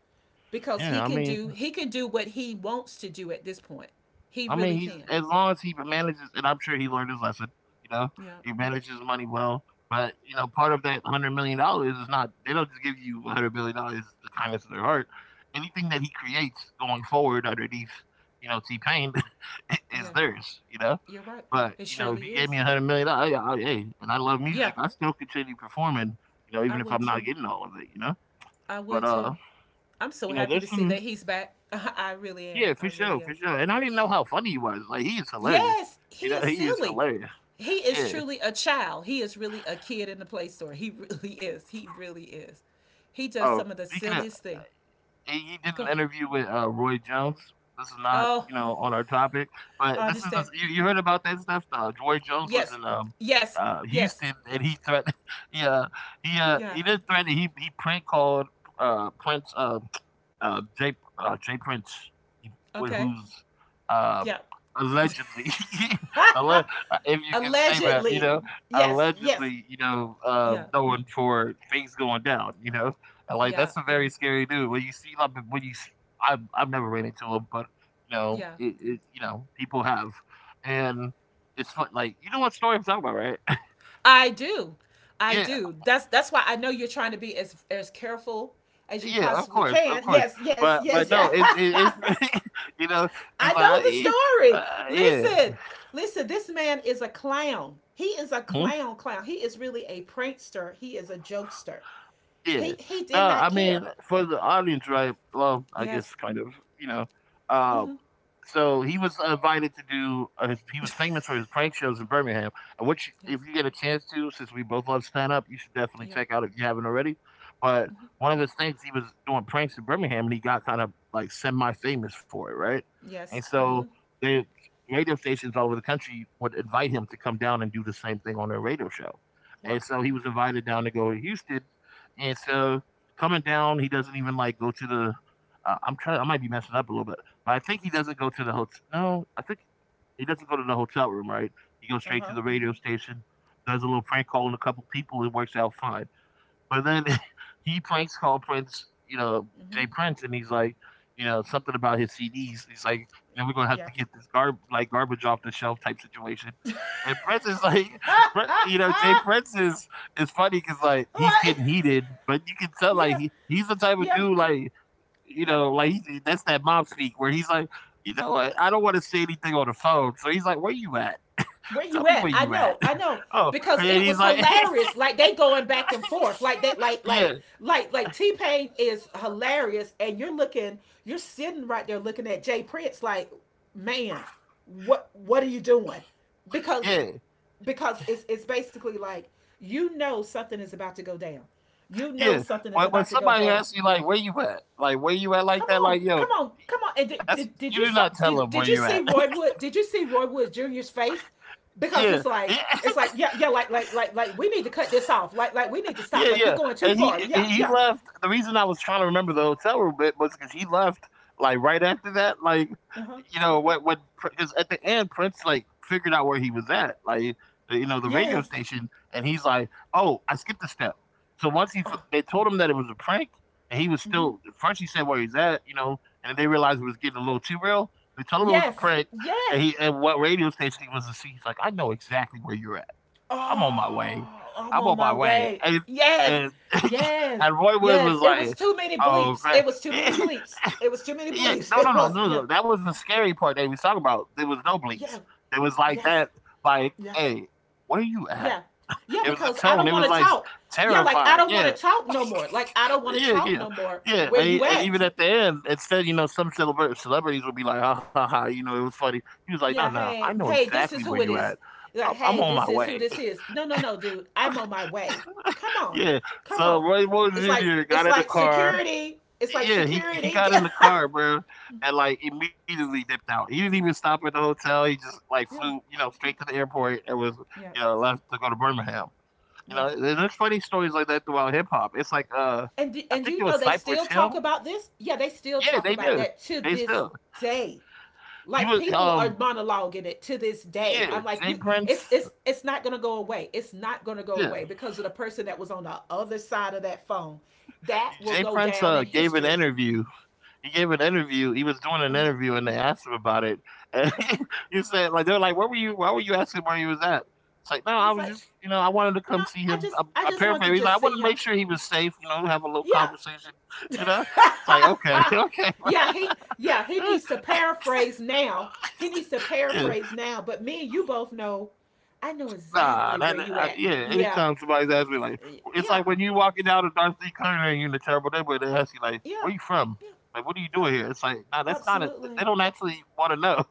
because Yeah, he I can mean, do he can do what he wants to do at this point. He I mean, really he's, can. as long as he manages, and I'm sure he learned his lesson. You know, Yeah. he manages money well. But you know, part of that hundred million dollars is not, they don't just give you a hundred million dollars the kindness of their heart. Anything that he creates going forward underneath, you know, T Pain is Yeah. theirs. You know, You're right. but It you know, if he surely gave is. me a hundred million dollars, I, I, hey, and I love Yeah. music, I still continue performing. You know, I even if would I'm not too. getting all of it. You know, I but would too. uh, I'm so you know, happy to there's see that some he's back. I really yeah, am. I for sure, really for am. sure. And I didn't know how funny he was. Like he is hilarious. Yes, he You know, is he is silly. hilarious. He is Yeah. truly a child. He is really a kid in the play store. He really is. He really is. He does Oh, some of the speaking of, silliest thing. he he did Go an ahead. interview with uh, Roy Jones. This is not, Oh, you know, on our topic, but I this is the, understand. you, you heard about that stuff. Uh, Roy Jones was Yes. in um, Yes. uh, Yes. Houston, and he threatened. Yeah, he uh, Yeah. he didn't threaten. He he prank called uh, Prince. Um, uh, Jay uh, Jay Prince, wh- Okay. who's uh, Yeah, allegedly, alle- uh, if you can say that, you allegedly. know, Yes, yes. allegedly, you know, uh, Yeah. known for things going down, you know, and like Yeah. that's a very scary dude. When you see like when you see, I've I've never ran into him, but you know, Yeah. it, it, you know, people have, and it's fun. Like you know what story I'm talking about, right? I do. I yeah, do. That's that's why I know you're trying to be as as careful as you yeah, of possibly course, of can. course. Yes, yes, But yes, but no, yeah. it's it, it's you know I because know the I uh, story. yeah. Listen. Listen, this man is a clown. He is a clown clown. He is really a prankster. He is a jokester. Yeah. He he No, did not I care. mean, for the audience, right? Well, I Yes. guess kind of, you know. Um, so he was invited to do, uh, his, he was yes. famous for his prank shows in Birmingham, uh, which, if you get a chance to, since we both love stand up, you should definitely Yeah. check out if you haven't already. But one of the things he was doing pranks in Birmingham and he got kind of like semi famous for it, right? And Yes. so Mm-hmm. the radio stations all over the country would invite him to come down and do the same thing on their radio show. Yep. And so he was invited down to go to Houston and so coming down, he doesn't even like go to the. Uh, I'm trying. I might be messing up a little bit, but I think he doesn't go to the hotel. No, I think he doesn't go to the hotel room. Right? He goes Uh straight to huh. the radio station, does a little prank call on a couple people, and works out fine. But then he pranks call Prince, you know, Mm-hmm. Jay Prince, and he's like, you know, something about his C Ds. He's like, you know, we're gonna have Yeah. to get this garb like garbage off the shelf type situation. And Prince is like, Prin- you know, Jay Prince is is funny because like he's what? getting heated, but you can tell like Yeah. he, he's the type of Yeah. dude like you Yeah. know like he's, that's that mom speak where he's like, you know what, I don't want to say anything on the phone, so he's like, where you at? Where Tell you me at? where I you know, at. I know, oh, because and it he's was like. hilarious. Like they going back and forth, like that, like like yeah, like like T Pain is hilarious, and you're looking, you're sitting right there looking at Jay Prince, like, man, what what are you doing? Because yeah, because it's it's basically like, you know, something is about to go down. You know yeah. something is When when about to go somebody down. asks you like, "Where you at?" Like, "Where you at?" Like Come that. on, Like, yo, come on, come on. And did, that's, did, you do did you not saw, tell them where did you did you at. see Roy Wood? Did you see Roy Wood Junior's face? Because yeah, it's like, yeah. it's like yeah yeah like like like like we need to cut this off. Like like we need to stop. Yeah, Like, you're yeah. going too And far. he Yeah, he yeah. left. The reason I was trying to remember the hotel room bit was because he left like right after that. Like Uh huh. you know what what because at the end Prince like figured out where he was at. Like you know the radio Yes, station, and he's like, oh, I skipped a step. So once he f- they told him that it was a prank, and he was still first he said where he's at, you know, and then they realized it was getting a little too real. They told him it was a yes, prank, and yes. he and what radio station he was to see. He's like, I know exactly where you're at. I'm on my way. Oh, I'm I'm on on my my way. way. And Yes, and, yes, and Roy Williams yes. was It was like, too many oh, bleeps. It crap. was too many yeah, bleeps. It was too many bleeps. no, no, It no, was, no, yeah, no. That was the scary part they was talking about. There was no bleeps. yeah, There was like yes, that, like, yes, hey, where you at? yeah, yeah, It was the because I tone. don't It want was to like talk. Yeah, like, I terrified. don't want Yeah, to talk no more. Like I don't want to yeah, talk yeah, no more. yeah. Where And, you and at? even at the end, instead, you know, some celebra- celebrities would be like, ha ha ha, you know, it was funny. He was like, no, Yeah, no, I hey, know hey, exactly this is where who you it at. is. I'm Like, I'm hey, on my this is way. who this is. No, no, no, dude, I'm on my way. Come on, Yeah. come So on. Roy Moore It's like Junior got it's in the like car. security. It's like Yeah, he he security. got in the car, bro, and like immediately dipped out. He didn't even stop at the hotel. He just like yeah, flew, you know, straight to the airport and was, yeah, you know, left to go to Birmingham. You yeah. know, and there's funny stories like that throughout hip hop. It's like, uh, And I and think you it know was they Cypress still talk Hill. about this. Yeah, they still Yeah, talk they about did. that to They this still. day. He Like, was, people are um, monologuing it to this day. yeah, I'm like, Jay you, it's Prince. it's it's not gonna go away. It's not gonna go Yeah, away because of the person that was on the other side of that phone. That will Jay go Prince down uh, in gave an history. interview He gave an interview. He was doing an Uh, interview, and they asked him about it. And he said, like, they're like, "Where were you? Why were you asking where he was at?" It's like, no, it I was was just, like, you know, I wanted to you know, come see I him. just I, I I just want paraphrase. to He's like, I just see wanted to make him. sure he was safe. You know, have a little Yeah. conversation. You know, it's like, okay, okay, yeah, he yeah, he needs to paraphrase now. He needs to yeah. paraphrase now, but me and you both know I know Nah, exactly that where you uh, at. yeah. Yeah. Anytime somebody's asking me like, it's Yeah. like when you walking down to Darcy Corner and you in a terrible neighborhood, they ask you like, Yeah. "Where you from? Yeah. Like, what are you Yeah. doing here?" It's like, nah, that's not it. They Absolutely. don't actually want to know.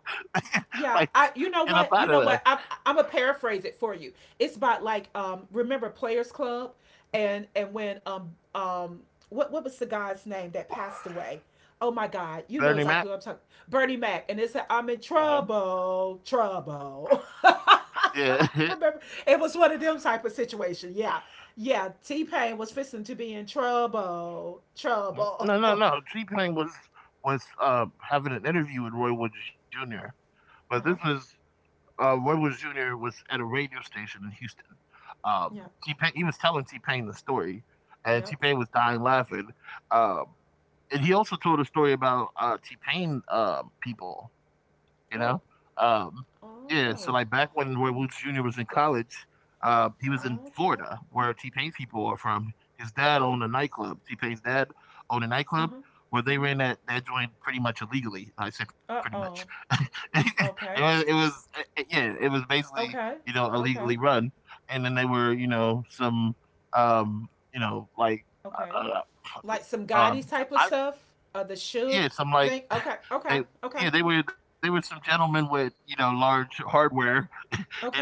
Yeah, like, I, you know get up what? You out know of there, what? I'm I'm gonna paraphrase it for you. It's about like, um remember Players Club and and when um um what what was the guy's name that passed away? Oh my God, you know Bernie Mac. exactly what I'm talking. Bernie Mac, and it's i I'm in Uh-huh. trouble, trouble. Yeah, Remember, it was one of them type of situation. Yeah, yeah. T Pain was fixing to be in trouble, trouble. no, no, uh no. T Pain was was uh, having an interview with Roy Woods Junior But this huh. was Uh, Roy Wood Junior was at a radio station in Houston. Um, Yeah. T Pain, he was telling T Pain the story, and T Yep. Pain was dying laughing. Um, and he also told a story about uh, T Pain um, people, you know. Oh. Um, yeah, so like Oh. back when Roy Woods Junior was in college, uh, he was in Okay. Florida, where T Pain's people are from. His dad Oh. owned a nightclub. T Pain's dad owned a Uh huh. nightclub where they ran that that joint pretty much illegally. I said Uh pretty much. oh. it Okay. was, it was uh, uh, yeah, it was basically Okay. you know Okay. illegally run, and then they were you know some um, you know like. Okay. Uh, uh, Like some uh, Gotti's um, type of I stuff. Uh, the Suge yeah, some thing. like Okay. Okay. they Okay. yeah, they were they were some gentlemen with, you know, large hardware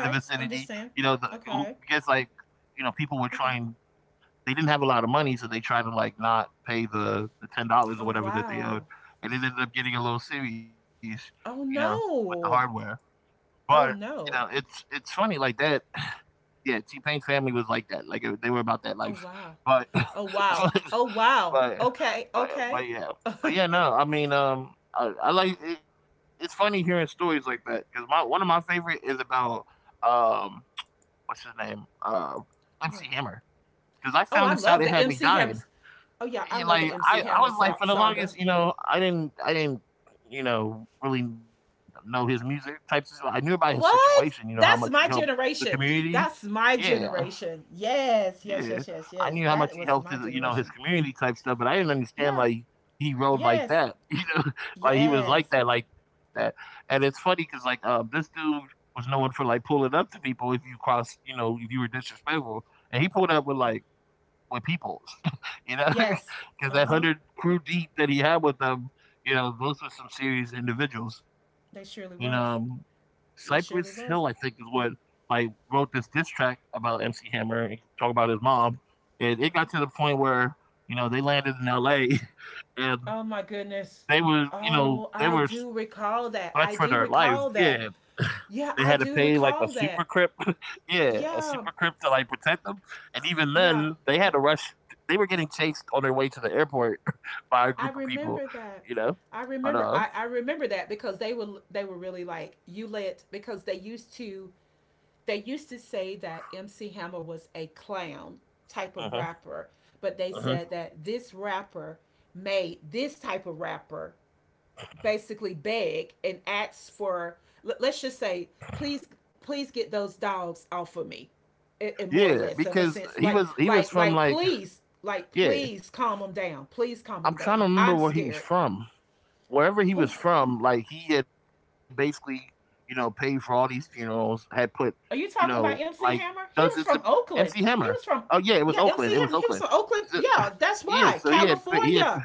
in the vicinity, Understand. you know, the who- Okay. because like, you know, people were Okay. trying They didn't have a lot of money, so they tried to like not pay the, the ten Oh dollars or whatever that wow. they owed. And it ended up getting a little serious, Oh you know, with the no. hardware. Oh But, you know, no. it's it's funny like that. Yeah, T Pain's family was like that. Like it, they were about that Oh life. wow. But Oh wow. but Oh wow. but Okay. Okay. but yeah, what? but yeah, no, I mean, um, I, I like it- it's funny hearing stories like that because my one of my favorite is about um, what's his name, uh, M C Hammer, because I Oh, found I this out love it the had me M C Hammer. dying. Oh yeah, I Yeah, love the like M C I, I Hammer was like sa- for the saga. longest, you know, I didn't, I didn't, you know, really know his music types. of- I knew about his situation, you know, What? how much he helped That's my the generation. community. That's my Yeah, generation. Yes, yeah, yes, yes, I yes, knew yes. how much he That helped was his, my you know, his generation. community type stuff, but I didn't understand Yeah. like he rode like Yes. that, you know, like he was Yes. like that, like that. And it's funny because like um, this dude was known for like pulling up to people if you cross, you know, if you were disrespectful, and he pulled up with like with people, you know, Yes. Uh huh. because that hundred crew deep that he had with them, you know, those were some serious individuals. They surely And was. um, It surely Cypress Hill, was. I think, is what like wrote this diss track about M C Hammer, and talk about his mom, and Uh it huh. got to the point where you know they landed in L A and Oh my goodness. they were, you know, Oh, they I were s do for recall their that. I life, do yeah. recall that. They had to Yeah, pay, I like, a do super recall crip that. yeah, a super crip to, Yeah. like, protect them, and even then, Yeah. they had to rush they were getting chased on their way to the airport by a I group of people, remember that. you know? I But, remember uh I, I remember that because they were, they were really like, you let, because they used to, they used to say that M C Hammer was a clown type of mhm, rapper, but they mhm. said that this rapper made this type of rapper basically beg and ask for, let- us just say, please, please get those dogs off of me, and, and more Yeah, or less of a because he sense was like, he was like from, like like please, like yeah, please calm them down, please calm I'm them trying to down, remember I'm where he was scared. from. Wherever he was Who's, from, like he had basically, you know, paid for all these funerals, had put, you are you know, talking like about M C Hammer? dozens He of was from M C Oakland. Hammer. He was Oh from, yeah, it was yeah, Oakland. It was M C Hammer. Oakland. He was from So, Oakland. Yeah, that's yeah, so why he had pa- he had pa- California.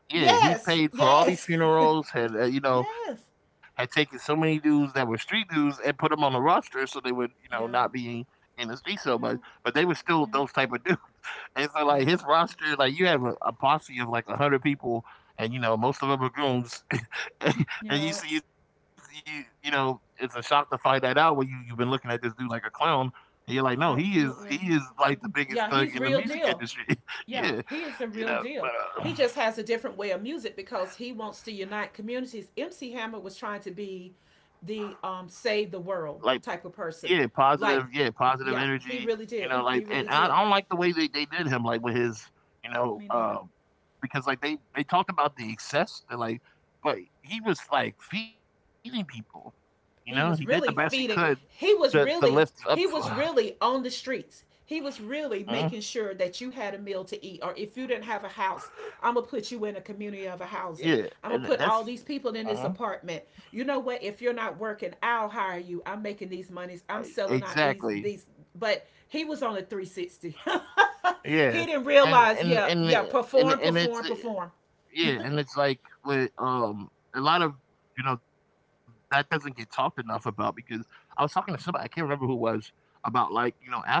yeah he Yes, paid for all these yes, funerals. Had uh, you know yes. had taken so many dudes that were street dudes and put them on the roster so they would you know not be Yeah, in the street so much, but yeah, they were still those type yeah, of dudes. And so like his yeah, roster, like you have a, a posse of like a hundred people, and you know most of them are goons and and you yeah. see, you, you you know, it's a shock to find that out when you you've been looking at this dude like a clown, and you're like, no, he is he is Absolutely. like the biggest thug in Yeah, the he's music real industry. deal. yeah, Yeah, he is you the know, real but deal. uh, He just has a different way of music because he wants to unite communities. M C Hammer was trying to be the um save the like world type of yeah, person. positive, yeah, Like, positive yeah, energy. he You really know, did. like He and I, really I don't did. like the way they, they did him, like with his, you know, Me neither. uh, because like they they talked about the excess, they're like, but he was like feeding people. You know, he did the He best he was really could feeding. to He to was lift up. really he was really on the streets. He was really making sure that you had a meal to eat, or if you didn't have a house, I'm gonna put you in a community of a housing. Yeah, I'm gonna and put all that's these people in this Uh-huh. apartment. You know what? If you're not working, I'll hire you. I'm making these I monies. I'm selling out exactly. these these. But he was on a three sixty. Yeah, he didn't and realize. and Yeah, and yeah. and Perform, and it's perform, perform. yeah, and it's like with um a lot of you know that doesn't get talked enough about because I was talking to somebody I can't remember who it was about like you know athletes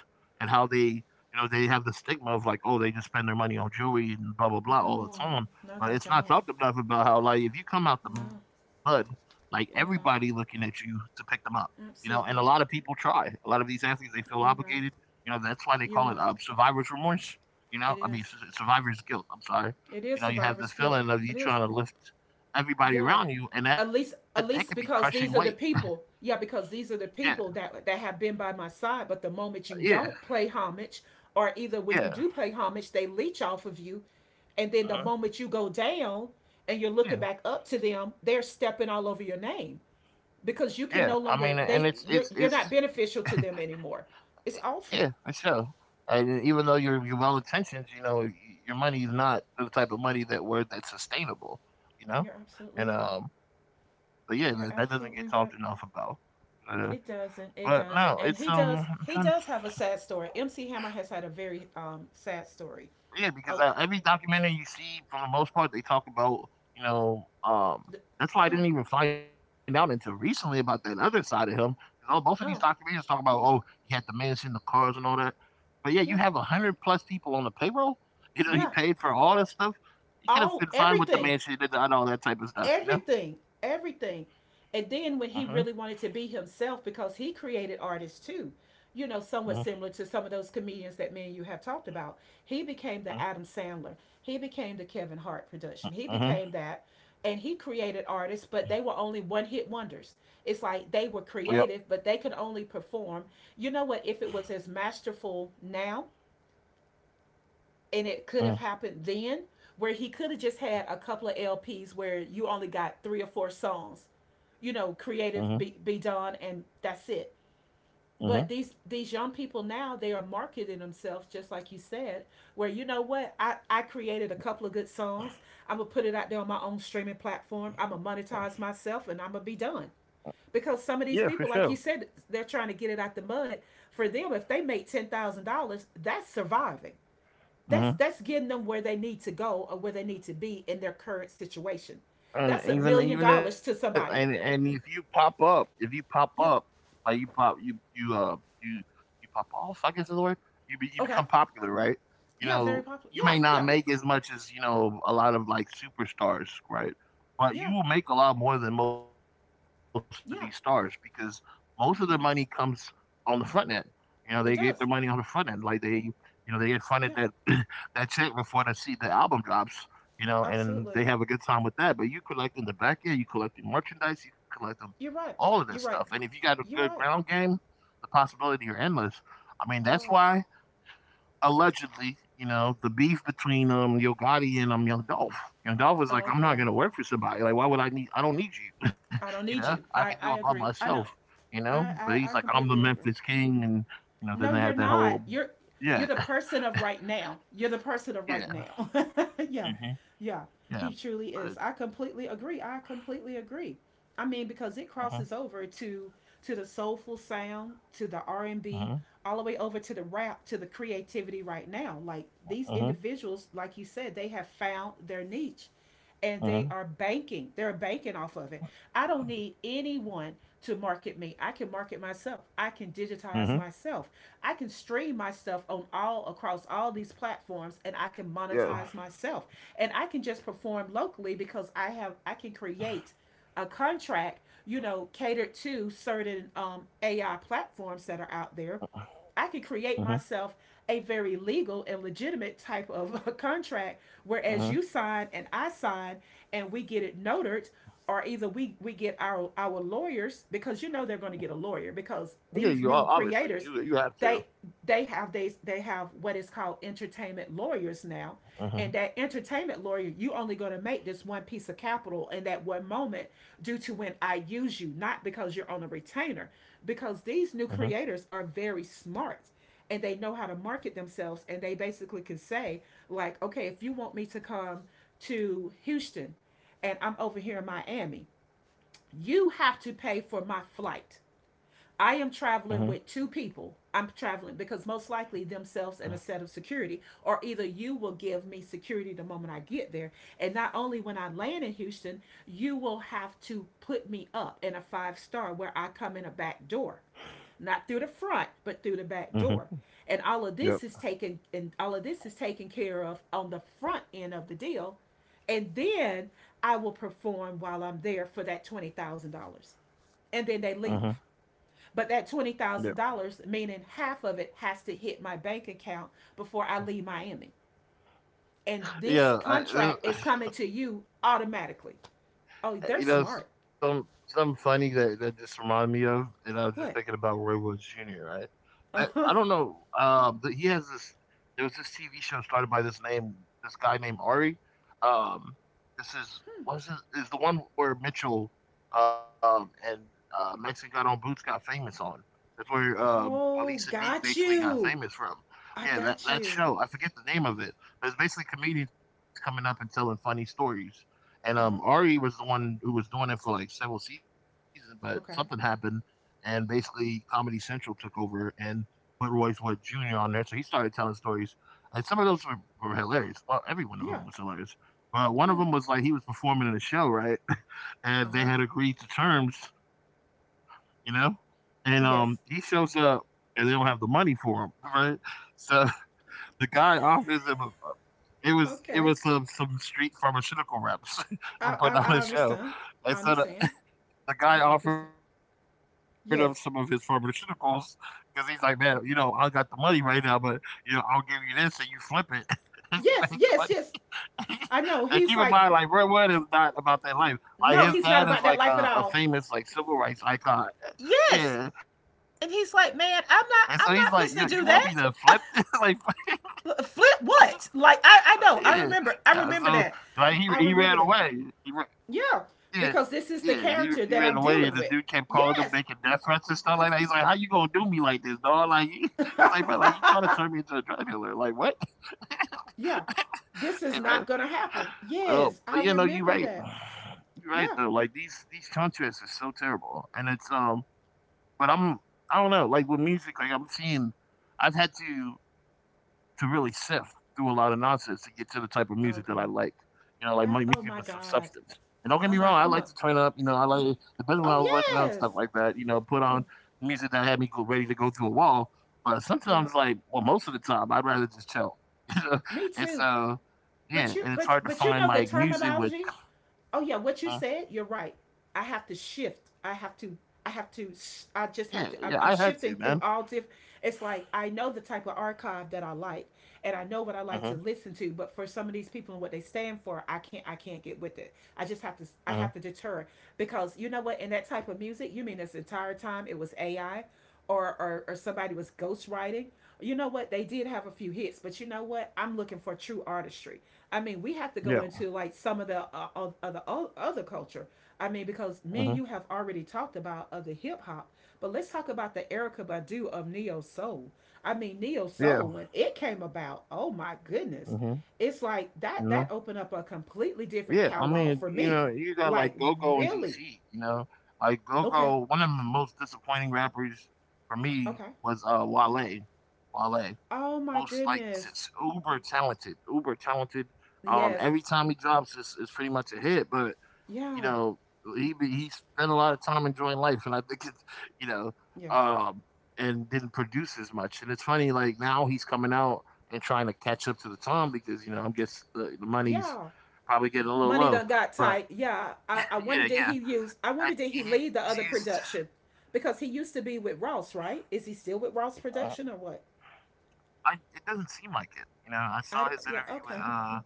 and how they you know they have the stigma of like oh they just spend their money on jewelry and blah blah blah Yeah. all the No, time, no, but they it's not don't. talked enough about how like if you come out the No. mud like everybody Yeah. looking at you to pick them up, you know, and a lot of Absolutely. people try. A lot of these athletes they feel You're obligated, right. you know that's why they call You're it uh, right. survivor's remorse. You know, It I mean, s- is. survivor's guilt. I'm sorry It you is know, you have this survivor's guilt. feeling of you It is. trying to lift everybody Yeah. around you, and that At that least, can be at crushing least, weight. because these are the people. Yeah, because these Yeah, are the people that that have been by my side, but the moment you yeah, don't play homage or either when you yeah, do pay homage, they leech off of you. And then the Uh-huh. moment you go down and you're looking yeah, back up to them, they're stepping all over your name yeah. because I you can mean, no and it's longer, it's they you're it's you're not beneficial to them anymore. It's yeah, for awful. sure. And even though you're you're well intentioned, you know, y- your money is not the type of money that word that's sustainable. You know, You're absolutely and right. um, but yeah, that, that doesn't You're get talked enough absolutely right. about. Uh, It but doesn't. no, It it's doesn't. And um, he I'm trying does. to He does have a sad story. M C Hammer has had a very um sad story. yeah, because Oh, uh, uh, every documentary you see, for the most part, they talk about you know. Um, that's why I yeah. didn't even find out until recently about that other side of him. Because all both of Oh, these documentaries talk about oh, he had the mansion, the cars, and all that. yeah. But yeah, you have a hundred plus people on the payroll. Yeah. You know, he paid for all that stuff. All He could have been everything. fine with the mansion and, and all that type of Everything, stuff. You know. everything. And then when he Mhm. really wanted to be himself, because he created artists too, you know, somewhat similar Mhm. to some of those comedians that me and you have talked about, he became the Adam Mhm. Sandler. He became the Kevin Hart production. He became that. mhm, And he created artists, but they were only one hit wonders. It's like they were Yep. creative, but they could only perform. You know what? If it was as masterful now, and it could have happened Mhm. then, where he could have just had a couple of L Ps where you only got three or four songs, you know, creative Mhm. be, be done and that's it. But these mhm. these young people now, they are marketing themselves just like you said, where you know what, I, I created a couple of good songs. I'm gonna put it out there on my own streaming platform. I'm gonna monetize myself and I'm gonna be done. Because some of these Yeah, for people, like you sure. said, they're trying to get it out the mud. For them, if they make ten thousand dollars, that's surviving. That's that's getting Mhm. them where they need to go or where they need to be in their current situation. That's a million And dollars even to even if somebody. and and if you pop up, if you pop Yeah. up, like you pop you you uh you you pop off, I guess is the word. You be, you Okay. become popular, right? You Yeah, very know, popular. you Yeah, may yeah, not make as much as you know a lot of like superstars, right? But yeah, you will make a lot more than most of these stars because yeah, most of the money comes yeah. on the front end. You know, they get their money on the It front end, does. like they you know they get funded that Yeah, that check before the see the album drops you know, and they absolutely. have a good time with that. But you collect in the back end, you collect the merchandise, you collect them, You're right. all of You're this right. stuff. And if you got a You're good right. ground game, the possibility are endless. I mean, You're that's right. why allegedly, you know, the beef between um Yo Gotti and um Young Dolph. Young Dolph was like, I'm not Okay. gonna work for somebody. Like, why would I need I don't need you? I don't you need know, you. I I can do I it by agree. I know. myself, you know? I But I, he's I like, I'm the completely agree. Memphis King and you know, then No, they you're had that not. whole You're you're yeah, the person of right now. You're the person of right yeah. now. yeah. hmm Yeah. He Yeah. truly is. I But completely agree. I completely agree. I mean because it uh-huh, crosses over to to the soulful sound, to the R and B, uh-huh, all the way over to the rap, to the creativity right now. Like these uh-huh. individuals, like you said, they have found their niche and they are uh-huh. banking. They're banking off of it. I don't need anyone to market me. I can market myself. I can digitize Mhm. myself. I can stream my stuff on all across all these platforms and I can monetize Yeah. myself. And I can just perform locally because I have I can create a contract, you know, catered to certain um, A I platforms that are out there. I could create Mhm. myself a very legal and legitimate type of a contract. Whereas you Mhm. sign and I sign and we get it notarized, or either we, we get our, our lawyers, because you know they're going to get a lawyer, because Yeah, you these are new obviously you creators you have to. they they have they they have what is called entertainment lawyers now, and that Mhm. entertainment lawyer, you only going to make this one piece of capital in that one moment due to when I use you, not because you're on a retainer. Because these Mhm. new creators are very smart and they know how to market themselves. And they basically can say, like, okay, if you want me to come to Houston and I'm over here in Miami, you have to pay for my flight. I am Mhm. traveling with two people. I'm traveling because most likely themselves and a set of security, or either you will give me security the moment I get there. And not only when I land in Houston, you will have to put me up in a five star where I come in a back door, not through the front, but through the back door. Mhm. And all of Yep. this is taken and all of this is taken care of on the front end of the deal. And then I will perform while I'm there for that twenty thousand dollars. And then Mhm. they leave, but that twenty Yep. thousand dollars, meaning half of it, has to hit my bank account before I leave Miami. And this Yeah, I, uh, contract is coming to you automatically. Oh, they're Uh, you smart. know, some some funny that that just reminded me of, and I was just What? thinking about Roy Woods Junior Right? That Uh-huh. I don't know. Um, but he has this. There was this T V show started by this name, this guy named Ari. Um, this is was it is the one where Mitchell um and uh, Mexican Got on Boots got famous on. That's where um, Ali Oh, Sadiq got basically got you. famous from. I Yeah, that got that you. show. I forget the name of it, but it's basically comedians coming up and telling funny stories. And um, Uh Ari huh. was the one who was doing it for like several seasons, but something happened, Okay. and basically Comedy Central took over and put Royce Wood Junior on there. So he started telling stories, and some of those were, were hilarious. Well, every one of them was Yeah. hilarious, but one of them was Yeah. like he was performing in a show, right? And they Uh had huh. agreed to terms, you know, and um, he shows up Yes. and they don't have the money for him, right? So the guy offers him a it was it was some some okay. street pharmaceutical reps were putting on a I, I show, I and understand. so the I understand. the guy offered I up some of understand. his pharmaceuticals Yes. because he's like, "Man, you know, I got the money right now, but, you know, I'll give you this and you flip it, and you make the money." Yes. Yes. And keep Yes. in mind, like, Red I Wood is know. not He's like, about that life. Like, his dad is, like, a a no, he's not famous, like, about that civil life at rights all. icon. Yeah, and so he's like, yeah, Yes. you want me to flip And this?" he's like, Like, man, I'm not I'm not fisting to do that. yeah, yeah. So, Flip like, what? he Like he I, ran I know. away. I He ra remember. I remember that. Yeah, I remember that. yeah, he he ran away, and the Yeah. dude kept Because calling him, this is the making death character threats and that I'm stuff like that. dealing He's like, with. "How you gonna do me Yes. like this, dog? Like, you, it's like, bro, like you trying to turn me into a drug dealer? Like, what? You know?" yeah. But, uh, This is but you not know, gonna you right, happen. Yes, I you right remember though. Like that. these these contrasts Yeah. are so terrible, and it's um. But I'm I don't know, like with music, like I'm seeing, I've had to to really sift through a lot of nonsense to get to the type of music that I like. Okay. You know, like my music with I, some oh my substance. God. And don't get me wrong, I like Oh to my turn come up. on. You know, I like especially when I was working Oh out and stuff like that. yes. You know, put on music that had me go, ready to go through a wall. But sometimes, Yeah. like, well, most of the time, I'd rather just chill. You know? Me And too. so, yeah, But you and it's but hard to but you find know the like music with. terminology. Oh yeah, what you Uh, said, you're right. I have to shift. I have to I have to I just yeah, have to yeah, I'm, I I'm had to, shifting man. through all diff, it's like I know the type of archive that I like and I know what I Uh like huh. to listen to, but for some of these people and what they stand for, I can't I can't get with it. I just have to I Uh huh. have to deter, because you know what, in that type of music, you mean this entire time it was A I or, or, or somebody was ghostwriting. You know what? They did have a few hits, but you know what? I'm looking for true artistry. I mean, we have to go Yeah. into like some of the uh, of- other culture. I mean, because Uh me and huh. you have already talked about other hip hop, but let's talk about the Erica Badu of neo soul. I mean, neo Yeah. soul when it came about, oh my Uh goodness, huh. it's like You that know. that opened up a completely different Yeah, I catalog mean, for you me. know, you got like Like Go Go in really, D C, you know, like Go okay, Go. One of the most disappointing rappers for me okay. was uh Wale. Wale, Oh my most like goodness, just uber talented, uber talented. Um, yes, Every time he drops, it's, it's pretty much a hit. But you yeah, know, he he spent a lot of time enjoying life, and I think it's you know, yeah, um, and didn't produce as much. And it's funny, like now he's coming out and trying to catch up to the time because you know I guess the, the money's yeah. probably getting a little Money low. done got But tight. Yeah, I, I yeah, wonder did he yeah, use? I I, wonder did he he's lead the used. other production, because he used to be with Ross, right? Is he still with Ross Uh, Production or what? I it doesn't seem like it. You know, I I saw his yeah. interview with Okay. uh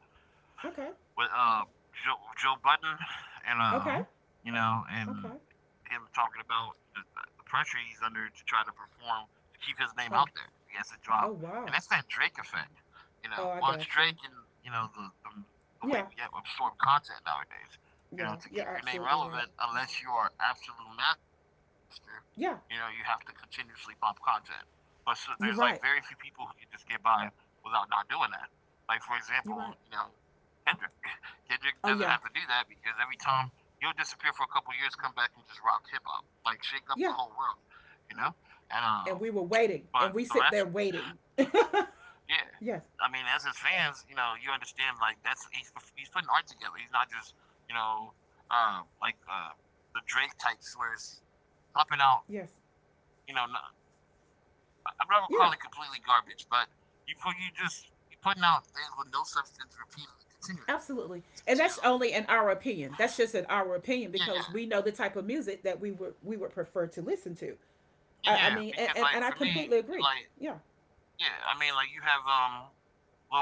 Okay. with uh Joe, Joe Budden and Okay. uh you know and Okay. him talking about you know, the pressure he's under to try to perform to keep his name out there. Oh. He has to drop, Oh and that's wow. that Drake effect. You know, Oh, I well, it's got Drake you. and you know the the, the way Yeah. we get absorb content nowadays. You know, Yeah. to You're keep your name absolutely right. relevant, unless you are absolute master, you know, you have Yeah. to continuously pop content. But so there's like very few You're people right. who can just get by without not doing that. Like for example, you You're know, right. Kendrick, Kendrick doesn't have to Oh do yeah. that because every time he'll disappear for a couple years, come back and just rock hip hop, like shake up the whole Yeah. world, you know. And um, And we were waiting, But and the we rest, sit there waiting. yeah. yes. I mean, as his fans, you know, you understand like that's he's he's putting art together. He's not just you know um like uh the Drake types where it's popping out Yes. you know not, I'm not gonna call Yeah. it completely garbage, but you put you just putting out things with no substance repeatedly, continuously, Absolutely. And that's continuously. only in our opinion. That's just in our opinion because Yeah, we yeah. know the type of music that we would we would prefer to listen to. Yeah, I, I yeah, mean and, because and, like and for I me, completely agree. like Yeah. yeah, I mean like you have um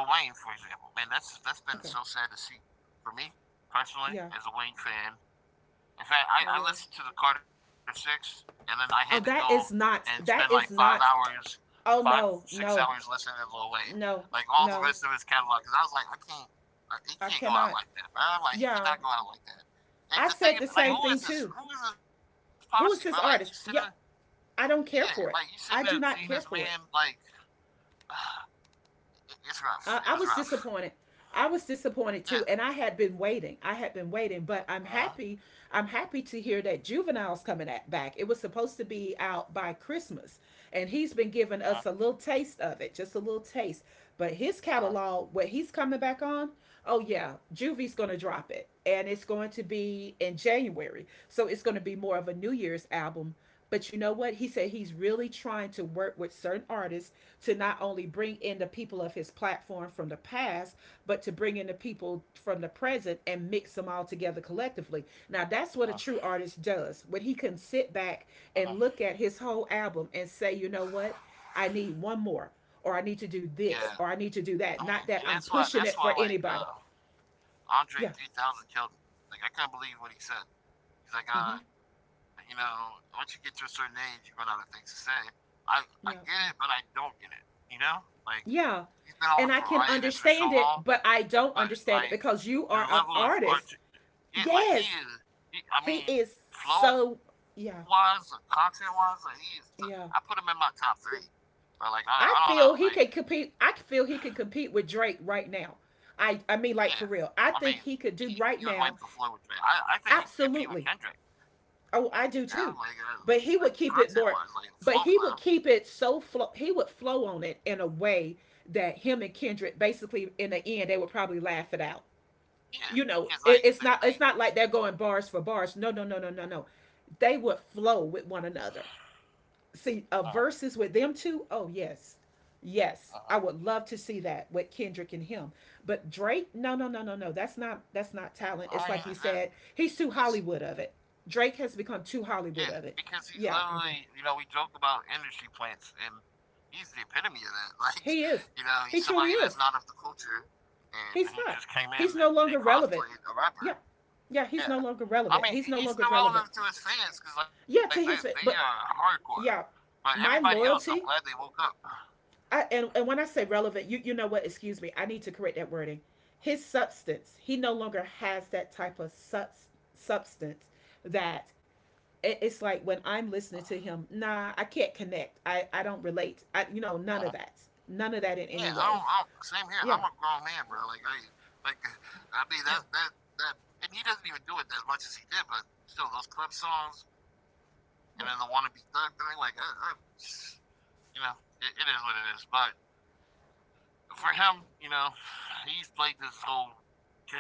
Lil Wayne for example. Man, that's that's Okay. been so sad to see for me Yeah. personally as a Wayne fan. Oh In fact, yeah. I, I listened to the Carter Six, and then I had Oh to that go is not and spend that is like five not hours, oh five no, six no, hours listening to Lil Wayne, no, like all no. the rest of his catalog. Because I was like, I can't, I, I he can't cannot. go out like that, bro. Like Yeah. he cannot go out like that. I said And the the thing, same thing like, who too. is this? Who is this posse, Who bro? is this Like you artist? sitting Yeah. I don't care yeah, for like you it. shouldn't I have do seen not this care for it. man. Like, uh, it- it's I, rough. I It was was rough. disappointed. I was disappointed too, and Yeah. I had been waiting. I had been waiting, but I'm Uh happy. huh. I'm happy to hear that juvenile's coming at, back. It was supposed to be out by Christmas, and he's been giving us Uh a little taste of it, just a little taste. But his huh. catalog, what he's coming back on, oh yeah, Juvie's going to drop it, and it's going to be in January. So it's going to be more of a New Year's album, but you know what? He said he's really trying to work with certain artists to not only bring in the people of his platform from the past, but to bring in the people from the present and mix them all together collectively. Now, that's what a true artist does. When he can sit back Uh huh. and look at his whole album and say, you know what? I need one more, or I need to do this, or I Yeah. need to do that. Not I that mean, I'm and that's pushing it why. for That's why. anybody. Like, uh, Yeah. Andre three thousand killed me. Like, I couldn't believe what he said. Hmm. He's like, uh, you know, once you get to a certain age, you run out of things to say. I Yeah. I get it, but I don't get it. You know, like Yeah. he's And been I on the can hiatus understand for it, so but long, I don't understand but it because you like are an the level artist. of art. Yes. Yeah, like he is. He He, is I mean, so flow yeah. wise, or content wise, like he is. T- I Yeah. put him in my top three. But like, I, I I don't know. feel he Like, could compete. I feel he could compete with Drake right now. I I mean like for real. yeah, I think he I could mean, do right he, now. he would wipe the floor with Drake. I, I think he Absolutely. could compete with Kendrick. Oh, I You do know, too. like, uh, But like he would keep content it wise, more, like flow but he flow. would keep it so flow, he would flow on it in a way that him and Kendrick basically in the end they would probably laugh it out. You know it, Yeah, it's not because it's not like like they. they're going they bars for bars, no no no no no no, they would flow with one another. See uh, uh huh. verses with them two. Oh yes, yes, I Uh would huh. love to see that with Kendrick and him. But Drake, no no no no no, that's not that's not talent. It's like he said, I mean, he's too Hollywood of it. it's Drake has become too yeah, Hollywood of it. because he's Yeah, literally, you know, we joke about industry plants, and he's the epitome of that. Like, he is, you know, he he's truly somebody is. that's not of the culture, and He's who not, just came he's in no and longer they relevant. cosplayed a Yeah. rapper. Yeah, he's no longer Yeah, relevant. He's I no mean, longer he- he's relevant. still relevant to his fans because Yeah, like to they his, they but are hardcore, yeah, but my everybody else, I'm loyalty. glad they woke up. I, and, and when I say relevant, you you know what? Excuse me. I need to correct that wording. His substance. He no longer has that type of subs, substance that it- it's like when I'm listening to him. Nah, I can't connect. I I don't relate. I you know Uh-huh. None of that. None of that in any way. Yeah, I don't, I don't, same Yeah. here. I'm a grown man, bro. Like I, like Yeah. I mean that that that, and he doesn't even do it as much as he did. But still, those club songs, and then Yeah. the wannabe thug thing, like I, I you know, it, it is what it is. But for him, you know, he's played this whole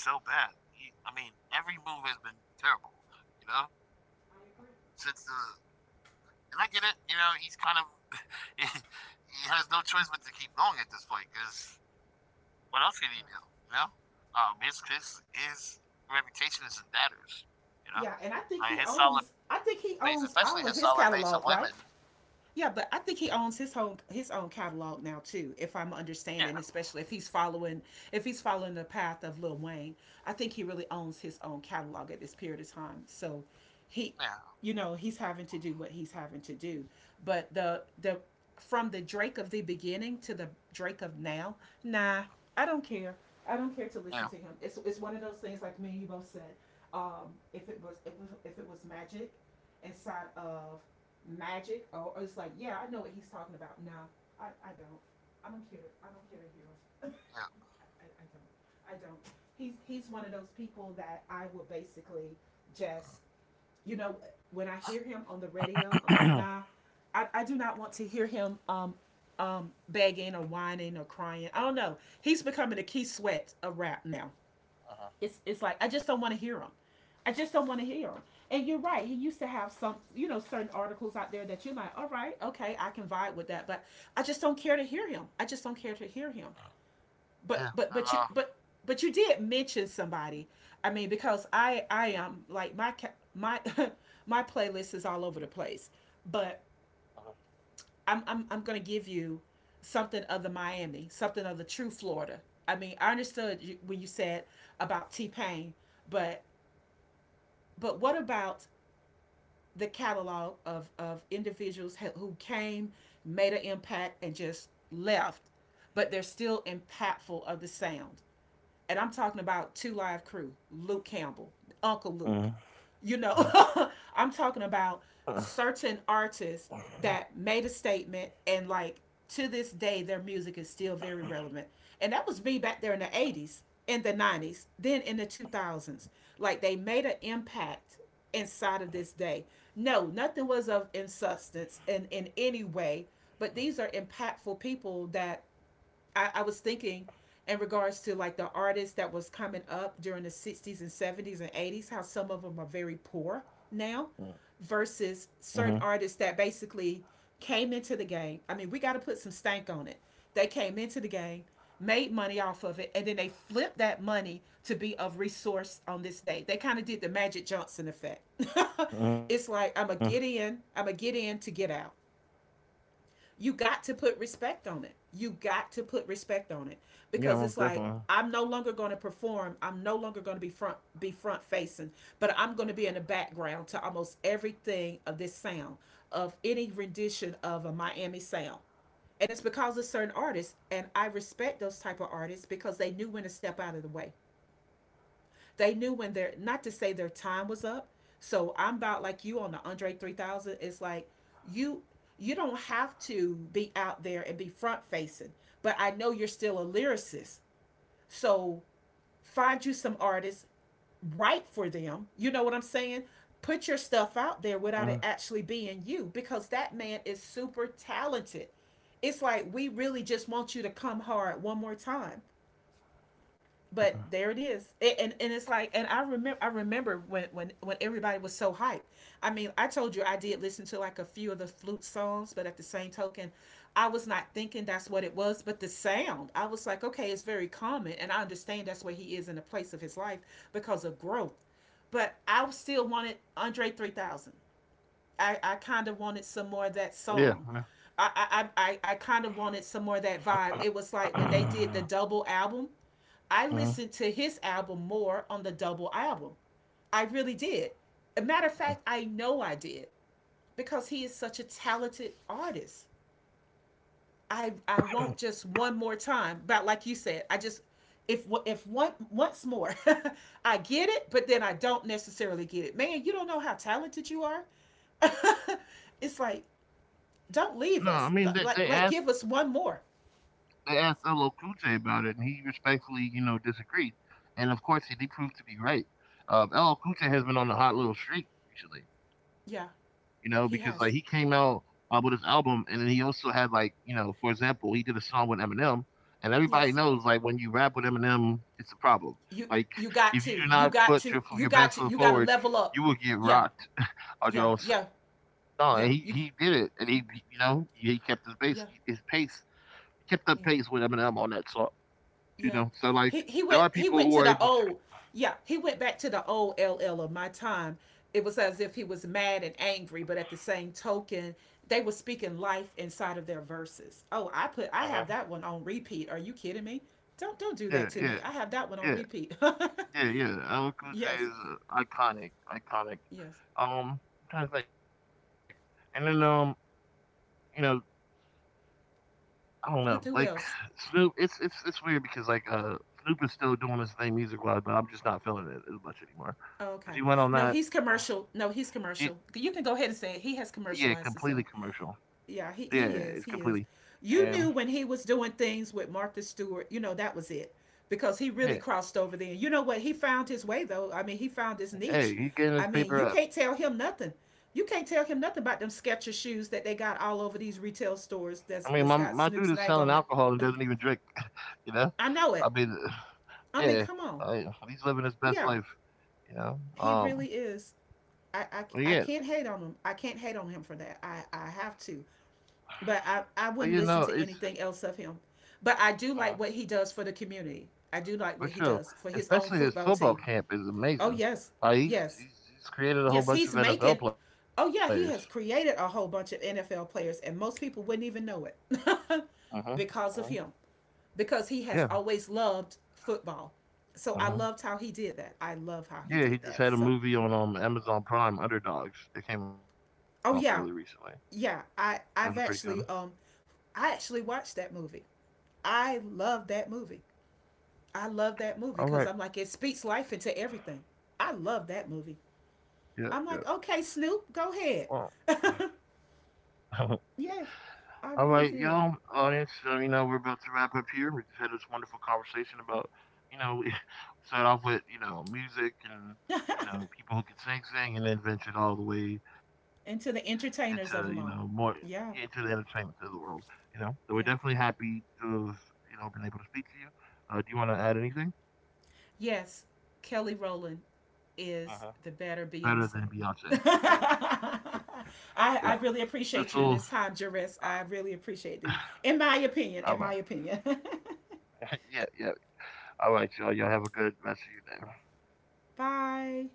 Kendrick thing so bad. He, I mean, every move has been terrible. You know, since the, and I get it. You know, he's kind of, he, he has no choice but to keep going at this point because what else can he do? You know, um, his his his reputation is in tatters. Yeah. And I You think know, he owns. like I his think he solid base, owns especially all of his his solid base of catalog, right? women. Yeah, but I think he owns his own his own catalog now too, if I'm understanding, especially if Yeah, he's following if he's following the path of Lil Wayne. I think he really owns his own catalog at this period of time. So he, you know, yeah, he's having to do what he's having to do. But the the from the Drake of the beginning to the Drake of now, nah, I don't care. I don't care to listen to him. It's it's yeah, one of those things like me and you both said. Um, if it was if it was, if it was magic inside of magic or, or it's like, yeah, I know what he's talking about. No, I, I don't. I don't care. I don't care to hear him. I, I don't. I don't. He's he's one of those people that I will basically, just you know, when I hear him on the radio, I'm like, yeah, nah, I, I do not want to hear him um um begging or whining or crying. I don't know. He's becoming a key sweat of rap now. It's it's like I uh-huh. just don't want to hear them. I just don't want to hear them. And you're right. He used to have some, you know, certain articles out there that you're like, all right, okay, I can vibe with that, but I just don't care to hear him. I just don't care to hear him. But but but you yeah, but and uh, but you did mention somebody. I mean, because I I am like my my my playlist is all over the place, but uh-huh. I'm I'm I'm gonna give you something of the Miami, something of the true Florida. I mean, I understood you when you said about T Pain, but but what about the catalog of, of individuals who came, made an impact, and just left, but they're still impactful of the sound? And I'm talking about Two Live Crew, Luke Campbell, Uncle Luke. Mm-hmm. You know, I'm talking about certain artists that made a statement, and like to this day their music is still very relevant. And that was me back there in the eighties, in the nineties, then in the two thousands. Like they made an impact inside of this day. No, nothing was of in substance and in any way, but these are impactful people that I, I was thinking in regards to like the artists that was coming up during the sixties and seventies and eighties, how some of them are very poor now versus Mm-hmm. certain artists that basically came into the game. I mean, we got to put some stank on it. They came into the game, made money off of it, and then they flipped that money to be of resource on this day. They kind of did the Magic Johnson effect. it's Hmm. like I'm a get in, i'm a get in to get out. You got to put respect on it. You got to put respect on it because it's Yeah, like most I'm definitely. no longer going to perform. I'm no longer going to be front be front facing, but I'm going to be in the background to almost everything of this sound of any rendition of a Miami sound. And it's because of certain artists, and I respect those type of artists because they knew when to step out of the way. They knew when their, not to say their, time was up. So I'm about like you on the Andre three thousand. It's like you you don't have to be out there and be front facing, but I know you're still a lyricist. So find you some artists, write for them. You know what I'm saying? Put your stuff Mhm. out there without it actually being you, because that man is super talented. It's like we really just want you to come hard one more time, but there it is it, and and it's like, and i remember i remember when when when everybody was so hyped. I mean, I told you I did listen to like a few of the flute songs, but at the same token, I was not thinking that's what it was, but the sound I was like, okay, it's very common, and I understand that's where he is in the place of his life because of growth, but I still wanted Andre three thousand. I, I kind of wanted some more Yeah. of that song. I, I, I, I kind of wanted some more of that vibe. It was like when they Yeah. did the double album, I Mhm. listened to his album more on the double album. I really did. A matter of fact, I know I did, because he is such a talented artist. I, I won't, just one more time, but like you said, I just, if if one once more, I get it, but then I don't necessarily get it. Man, you don't know how talented you are. it's like don't leave No, I us. mean they Like they like asked give us one more. they asked L. L Cool J about it, and he respectfully, you know, disagreed. And of course, he proved to be right. Um, L. L Cool J has been on a hot little streak recently, you know, Yeah, because like he came he out has. uh, with his album, and then he also had like, you know, for example, he did a song with Eminem, and everybody knows Yes. like when you rap with Eminem, it's a problem. You Like you if you got do to. You not got put your to. your You best got to. foot You got to forward, level you up. will get Yeah. rocked on your Yeah. own Yeah. song. And he he did it, Yeah. and he You he- you know he, he kept his base his yeah. pace. He kept up pace with Yeah. Eminem on that song. You know, so Yeah. like He there are he went people who he are went able to to. the old. Yeah, he went back to the old L L of my time. It was as if he was mad and angry, but at the same token, they were speaking life inside of their verses. Oh, I Uh-huh. put I have that one on repeat. Are you kidding me? Don't don't do Yeah, that to yeah, me. I have that one yeah, on repeat. yeah, yeah. L. L Cool J is Yes, uh, iconic, iconic. yes. Um, I'm trying and then um, you know, I don't know, With like who else? Snoop. It's it's it's weird because like uh, Snoop is still doing his thing music wise, but I'm just not feeling it as much anymore. Oh, Cause okay. he went on No, that, he's commercial. No, he's y- commercial. yeah, You can go ahead completely and say it. He commercial. has commercialized himself. Yeah, it's Yeah, completely, he, he is. He and is. You knew when he was doing things with Martha Stewart, you know, that was it because he yeah, really crossed over there. You know what? He found his way, though. I mean, he found his hey, niche. he getting his I mean, paper you up. can't tell him nothing. You can't tell him nothing about them Skechers shoes that they got all over these retail I mean, stores my that's, my that's dude got is selling Snoop's name alcohol on and it. doesn't even drink. You know? I I know it. mean, I yeah, mean, come on. I, he's living his best Yeah, life, you know? he Um, really is. I, But I, I yeah, can't hate on him. I can't hate on him for that. I, I have to. But but I, you I know, wouldn't it's listen just, to anything else of him. But I uh, do like what he does for the community. I do like for what he sure. does for his own Especially his football football team. camp is Oh, amazing. yes. Like, he's, Yes. he's, he's created a whole Yes. bunch He's of N F L making. players. Oh, yeah. He has created a whole bunch of N F L players, and most people wouldn't even know it Hmm. Hmm. because of him, because he Yeah. has always loved football. So I Hmm. loved how he did that. I love how he Yeah, he did just that. had a So, movie on um, Amazon Prime, Underdogs, that came out fairly recently. oh, yeah. That was Yeah, a pretty I good one. I've actually um I actually watched that movie. I love that movie. I love that All movie right. because I'm like it speaks life into everything. I love that movie. Yeah, I'm yeah. like, okay, Snoop, Well, go ahead. yes, all right, I y'all, really did. audience. Uh, you know, we're about to wrap up here. We just had this wonderful conversation about, you know, we started off with you know music and you know people who can sing, sing, and then ventured all the way and to into the you know more entertainers of them all, into the yeah, entertainment of the world. You know, so we're definitely yeah. happy to have you know been able to speak to you. Uh, do you want to add anything? Yes, Kelly Rowland is Uh-huh. the better Better Beyonce. than Beyonce. Yeah, I, yeah. This I will. really appreciate you in this Uh, time, Jerris. I really appreciate you. In my all right. opinion, in my opinion. Yeah, yeah. All right, y'all. Y'all have a good rest of your day. Bye.